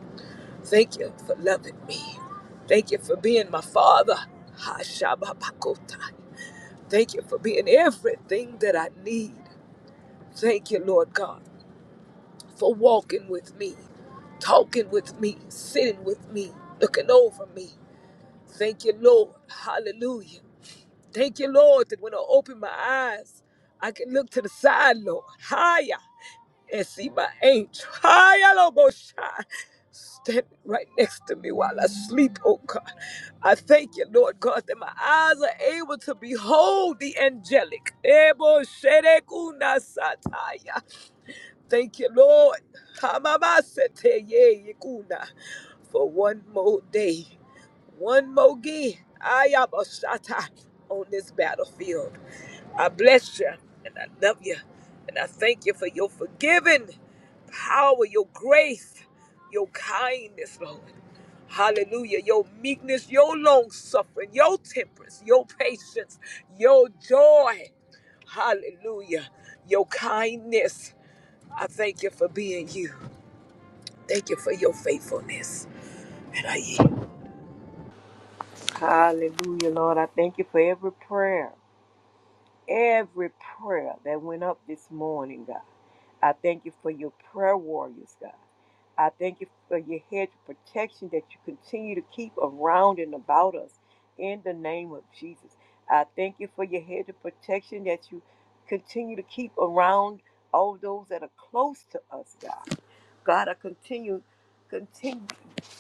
S1: Thank you for loving me. Thank you for being my father. Hashababakotai. Thank you for being everything that I need. Thank you, Lord God, for walking with me, talking with me, sitting with me, looking over me. Thank you, Lord. Hallelujah. Thank you, Lord, that when I open my eyes, I can look to the side, Lord. Higher. and see my angel. Hayalobosha, Standing right next to me while I sleep, oh God. I thank you, Lord God, that my eyes are able to behold the angelic. Ebo sherekunasataya. Thank you, Lord. Hamamasete ye yekuna. For one more day, one more day, Ayabashata on this battlefield. I bless you and I love you and I thank you for your forgiving power, your grace, your kindness, Lord. Hallelujah. Your meekness, your long suffering, your temperance, your patience, your joy. Hallelujah. Your kindness. I thank you for being you. Thank you for your faithfulness. And I yield.
S4: Hallelujah, Lord. I thank you for every prayer every prayer that went up this morning, God. I thank you for your prayer warriors, God. I thank you for your hedge of protection that you continue to keep around and about us in the name of Jesus. I thank you for your hedge of protection that you continue to keep around all those that are close to us, God. God, I continue, continue,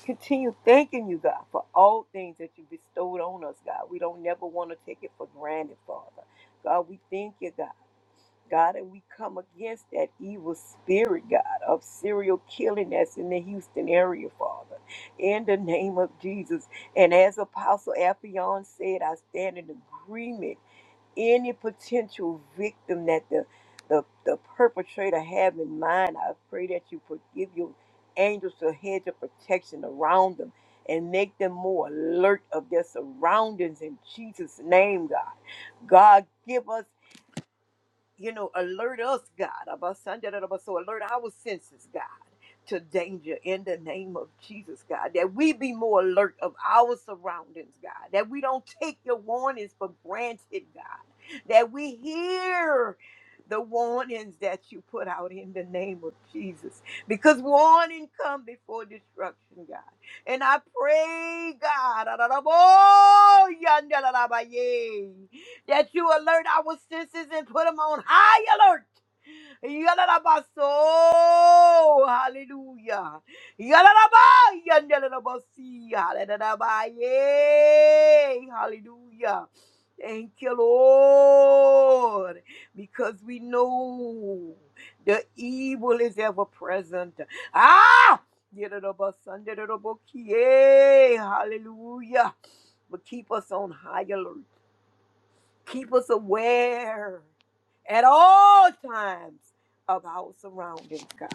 S4: continue thanking you, God, for all things that you bestowed on us, God. We don't never want to take it for granted, Father. God, we thank you, God. God, and we come against that evil spirit, God, of serial killing that's in the Houston area, Father, in the name of Jesus. And as Apostle Appion said, I stand in agreement. Any potential victim that the, the, the perpetrator have in mind, I pray that you forgive your angels to hedge of protection around them and make them more alert of their surroundings in Jesus' name, God. God, give us you know, alert us, God, about Sunday, that about so alert our senses, God, to danger in the name of Jesus, God, that we be more alert of our surroundings, God, that we don't take your warnings for granted, God, that we hear the warnings that you put out in the name of Jesus, because warning come before destruction, God. And I pray, God, oh, that you alert our senses and put them on high alert. Yalalabaso, hallelujah. Yalalaba, yandalalabasi, halalabaye, Hallelujah. Thank you, Lord, because we know the evil is ever present. Ah! Yalalabasandalalabokie, Hallelujah. But keep us on high alert. Keep us aware at all times of our surroundings, God.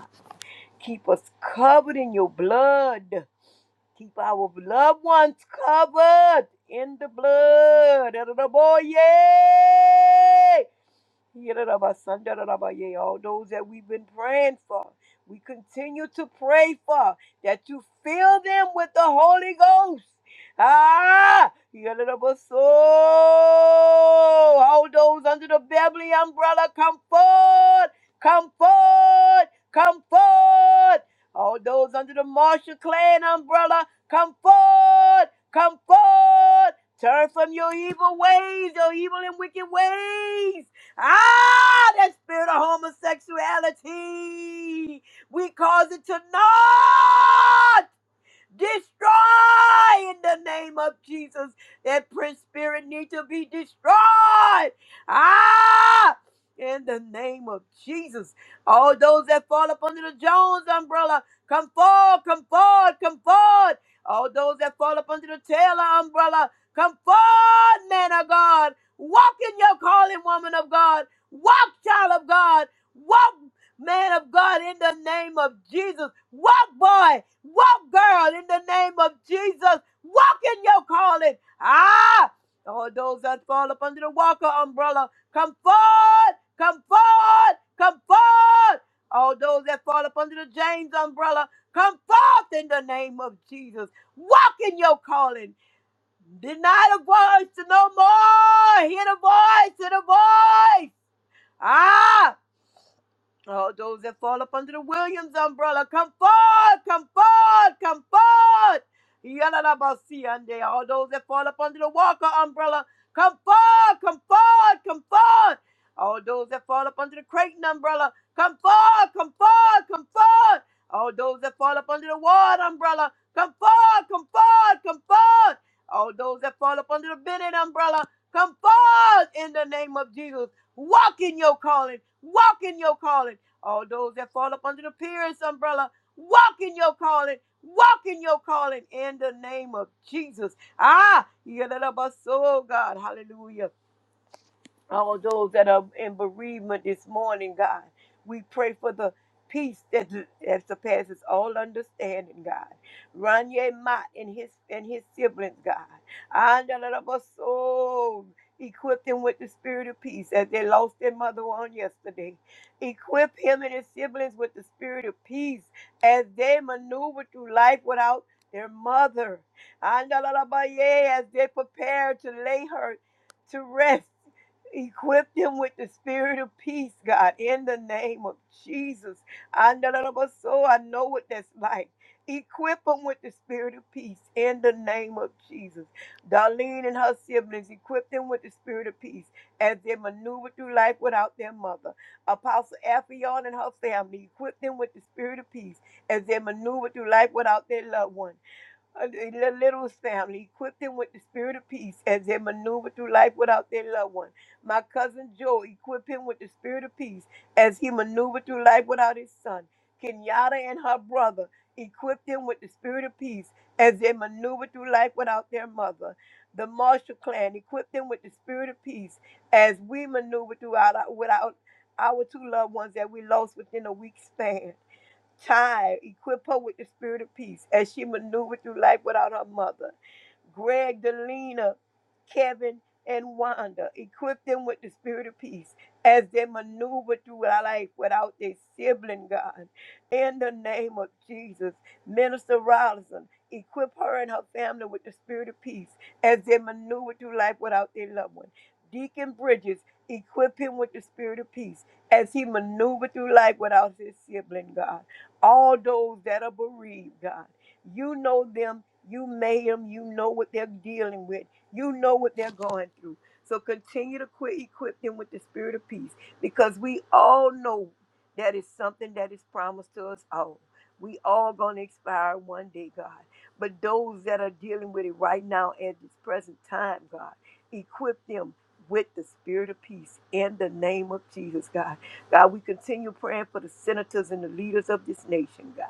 S4: Keep us covered in your blood. Keep our loved ones covered in the blood. Adoraboye. Yidda-da-ba-sun-da-da-da-ba-yay. All those that we've been praying for, we continue to pray for that you fill them with the Holy Ghost. Ah, Yidda-da-ba-so. all those under the Beverly umbrella, come forth, come forth, come forth. All those under the Marshall Clan umbrella, come forth, come forth. Turn from your evil ways, your evil and wicked ways. Ah, that spirit of homosexuality. We cause it to naught Destroy in the name of Jesus. That prince spirit needs to be destroyed. Ah! In the name of Jesus. All those that fall up under the Jones umbrella, come forward, come forward, come forward. All those that fall up under the Taylor umbrella, come forward, man of God. Walk in your calling, woman of God. Walk, child of God. Walk man of God, in the name of Jesus. Walk, boy, walk, girl, in the name of Jesus. Walk in your calling. Ah, all those that fall up under the Walker umbrella, come forward, come forward, come forward. All those that fall up under the James umbrella, come forth in the name of Jesus. Walk in your calling. Deny the voice to no more. Hear the voice, hear the voice. Ah! Oh, those that fall up under the Williams umbrella, come forth, come forth, come forth. Yalalabasiande. All those that fall up under the Walker umbrella, come forth, come forth, come forth. All those that fall up under the Creighton umbrella, come forth, come forth, come forth. All those that fall up under the Ward umbrella, come forth, come forth, come forth. All those that fall up under the Bennett umbrella, come forth in the name of Jesus. Walk in your calling. Walk in your calling. All those that fall up under the parents' umbrella, walk in your calling. Walk in your calling in the name of Jesus. Ah, yeah, that up us so God. Hallelujah all those that are in bereavement this morning, God. We pray for the peace that, that surpasses all understanding, God. Ranye Mott and his and his siblings, God. Andalabaso, Equip them with the spirit of peace as they lost their mother on yesterday. Equip him and his siblings with the spirit of peace as they maneuver through life without their mother. Andalabaye, As they prepare to lay her to rest Equip them with the spirit of peace, God, in the name of Jesus. I know that i a soul. I know what that's like. Equip them with the spirit of peace in the name of Jesus. Darlene and her siblings, equip them with the spirit of peace as they maneuver through life without their mother. Apostle Affion and her family, equip them with the spirit of peace as they maneuver through life without their loved one a little little family, equip them with the spirit of peace as they maneuver through life without their loved one. My cousin Joe, equip him with the spirit of peace as he maneuvered through life without his son. Kenyatta and her brother, equip them with the spirit of peace as they maneuver through life without their mother. The Marshall clan, equip them with the spirit of peace as we maneuver throughout our, without our two loved ones that we lost within a week span. Child, equip her with the spirit of peace as she maneuvered through life without her mother. Greg, Delina, Kevin, and Wanda. Equip them with the spirit of peace as they maneuver through life without their sibling, God. In the name of Jesus, Minister Robinson, equip her and her family with the spirit of peace as they maneuver through life without their loved one. Deacon Bridges, equip him with the spirit of peace as he maneuvered through life without his sibling, God all those that are bereaved, God. You know them, you made them, you know what they're dealing with, you know what they're going through. So continue to quit equip them with the spirit of peace because we all know that is something that is promised to us all. We all gonna expire one day, God. But those that are dealing with it right now at this present time, God, equip them with the spirit of peace in the name of Jesus, God. God, we continue praying for the senators and the leaders of this nation, God.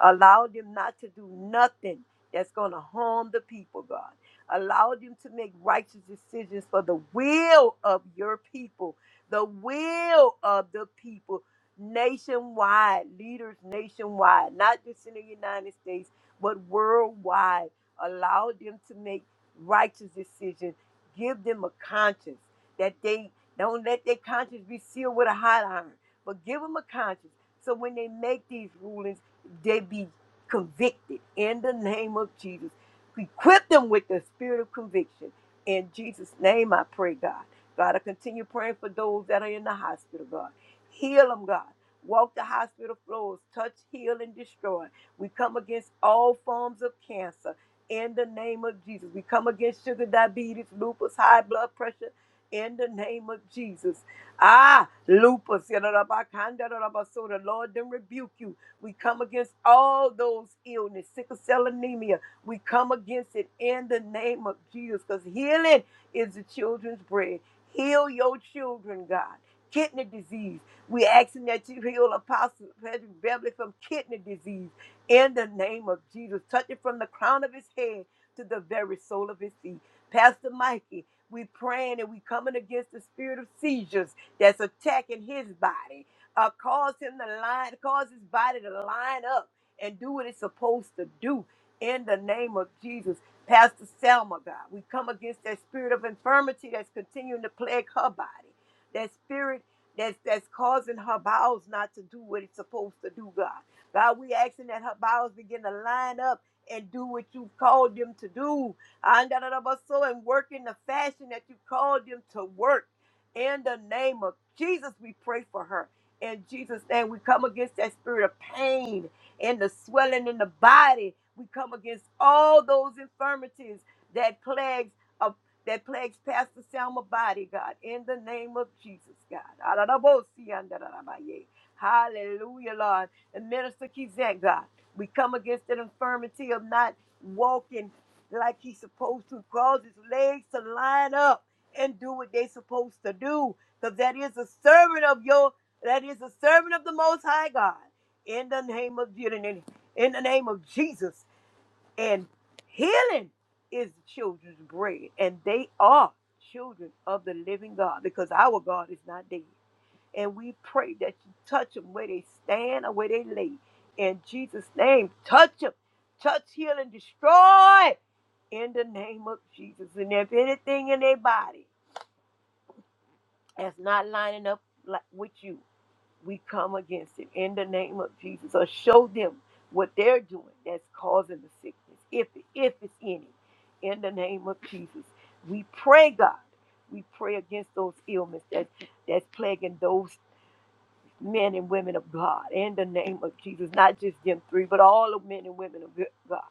S4: Allow them not to do nothing that's going to harm the people, God. Allow them to make righteous decisions for the will of your people, the will of the people nationwide, leaders nationwide, not just in the United States, but worldwide. Allow them to make righteous decisions. Give them a conscience that they don't let their conscience be sealed with a hot iron, but give them a conscience. So when they make these rulings, they be convicted in the name of Jesus. Equip them with the spirit of conviction. In Jesus' name, I pray, God. God, I continue praying for those that are in the hospital, God. Heal them, God. Walk the hospital floors, touch, heal, and destroy. We come against all forms of cancer in the name of Jesus. We come against sugar, diabetes, lupus, high blood pressure in the name of Jesus. Ah, lupus. yadadabakandadadabaso. The Lord then rebuke you we come against all those illness, sickle cell anemia. We come against it in the name of Jesus because healing is the children's bread. Heal your children, God. Kidney disease. We're asking that you heal Apostle Patrick Beverly from kidney disease in the name of Jesus. Touch it from the crown of his head to the very sole of his feet. Pastor Mikey, we praying and we coming against the spirit of seizures that's attacking his body uh, cause him to line, cause his body to line up and do what it's supposed to do in the name of Jesus. Pastor Selma, God, we come against that spirit of infirmity that's continuing to plague her body, that spirit that's, that's causing her bowels not to do what it's supposed to do, God. God, we asking that her bowels begin to line up and do what you've called them to do. And da- da- da- ba- so, and work in the fashion that you called them to work. In the name of Jesus, we pray for her. In Jesus' name, we come against that spirit of pain and the swelling in the body. We come against all those infirmities that plagues of that plagues Pastor Selma body, God, in the name of Jesus, God. Ararabosiandarabaye. Hallelujah, Lord. And Minister Kizant, God, we come against that infirmity of not walking like he's supposed to, cause his legs to line up and do what they're supposed to do because that is a servant of your that is a servant of the Most High God, in the name of Jesus, in the name of Jesus. And healing is the children's bread, and they are children of the living God, because our God is not dead. And we pray that you touch them where they stand or where they lay. In Jesus' name, touch them, touch, heal, and destroy. In the name of Jesus, and if anything in their body that's not lining up like with you, we come against it in the name of Jesus. Or show them what they're doing that's causing the sickness, if if it's any. In the name of Jesus, we pray, God. We pray against those ailments that that's plaguing those men and women of God in the name of Jesus, not just them three, but all the men and women of God.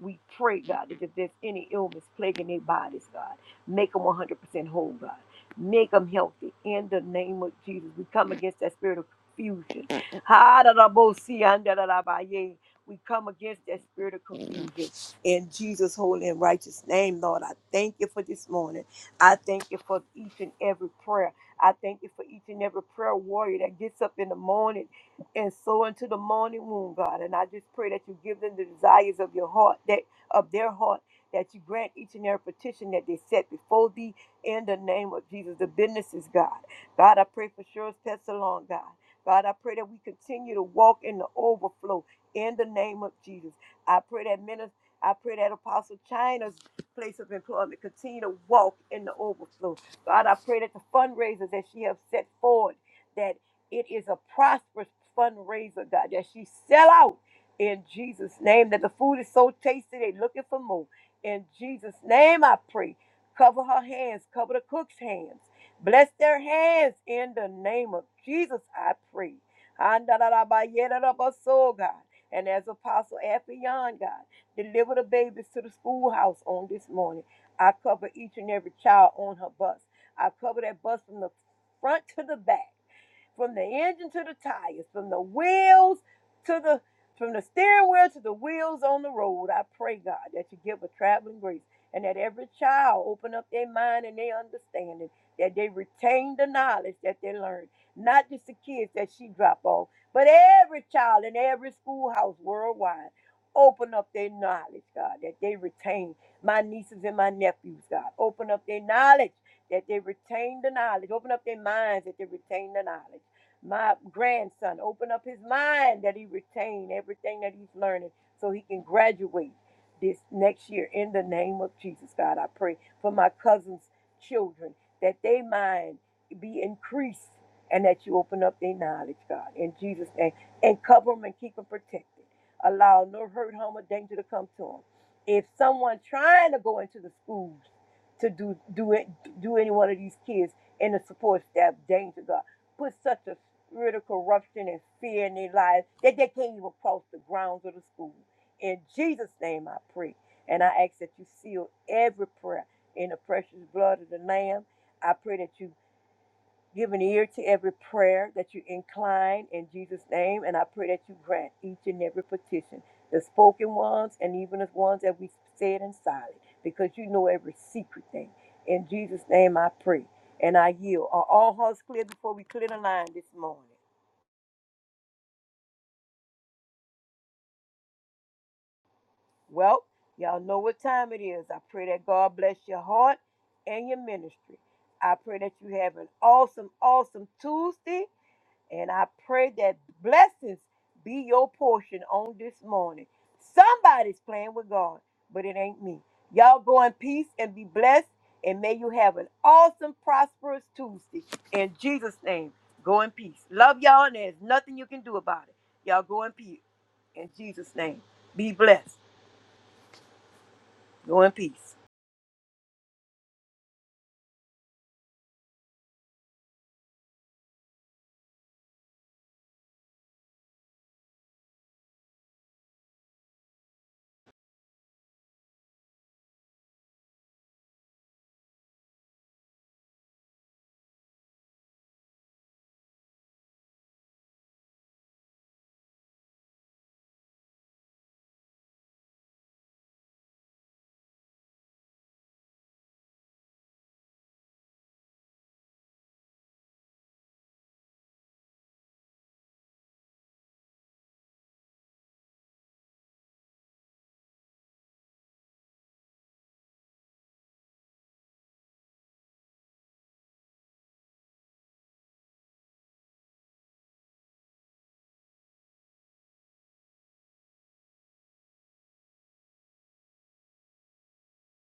S4: We pray, God, that if there's any illness plaguing their bodies, God, make them 100% whole, God. Make them healthy in the name of Jesus. We come against that spirit of confusion. Ha, da, da, bo, si, an, da, da, da, ba, ye. We come against that spirit of confusion in Jesus' holy and righteous name, Lord. I thank you for this morning. I thank you for each and every prayer. I thank you for each and every prayer warrior that gets up in the morning and so into the morning womb, God. And I just pray that you give them the desires of your heart, that of their heart, that you grant each and every petition that they set before thee in the name of Jesus. The business is God. God, I pray for sure test along, God. God, I pray that we continue to walk in the overflow in the name of Jesus. I pray that minister, I pray that Apostle China's place of employment continue to walk in the overflow God, I pray that the fundraisers that she has set forward, that it is a prosperous fundraiser, God, that she sell out in Jesus' name, that the food is so tasty, they looking for more. In Jesus' name, I pray. Cover her hands, cover the cook's hands. Bless their hands in the name of Jesus, I pray. Andalalabayedarabaso, God. And as Apostle Ephion, God, deliver the babies to the schoolhouse on this morning. I cover each and every child on her bus. I cover that bus from the front to the back, from the engine to the tires, from the wheels to the from the steering wheel to the wheels on the road. I pray God that you give a traveling grace and that every child open up their mind and their understanding, that they retain the knowledge that they learned. Not just the kids that she drop off, but every child in every schoolhouse worldwide open up their knowledge, God, that they retain. My nieces and my nephews, God, open up their knowledge that they retain the knowledge. Open up their minds that they retain the knowledge. My grandson, open up his mind that he retain everything that he's learning so he can graduate this next year in the name of Jesus, God. I pray for my cousin's children that their mind be increased and that you open up their knowledge, God, in Jesus' name, and cover them and keep them protected. Allow no hurt, harm, or danger to come to them. If someone trying to go into the schools to do do it do any one of these kids and the support staff danger God. Put such a spirit of corruption and fear in their lives that they can't even cross the grounds of the school. In Jesus' name I pray. And I ask that you seal every prayer in the precious blood of the Lamb. I pray that you Give an ear to every prayer that you incline in Jesus' name. And I pray that you grant each and every petition, the spoken ones and even the ones that we said in silence, because you know every secret thing. In Jesus' name I pray. And I yield. Are all hearts clear before we clear the line this morning? Well, y'all know what time it is. I pray that God bless your heart and your ministry. I pray that you have an awesome, awesome Tuesday. And I pray that blessings be your portion on this morning. Somebody's playing with God, but it ain't me. Y'all go in peace and be blessed. And may you have an awesome, prosperous Tuesday. In Jesus' name, go in peace. Love y'all, and there's nothing you can do about it. Y'all go in peace. In Jesus' name, be blessed. Go in peace.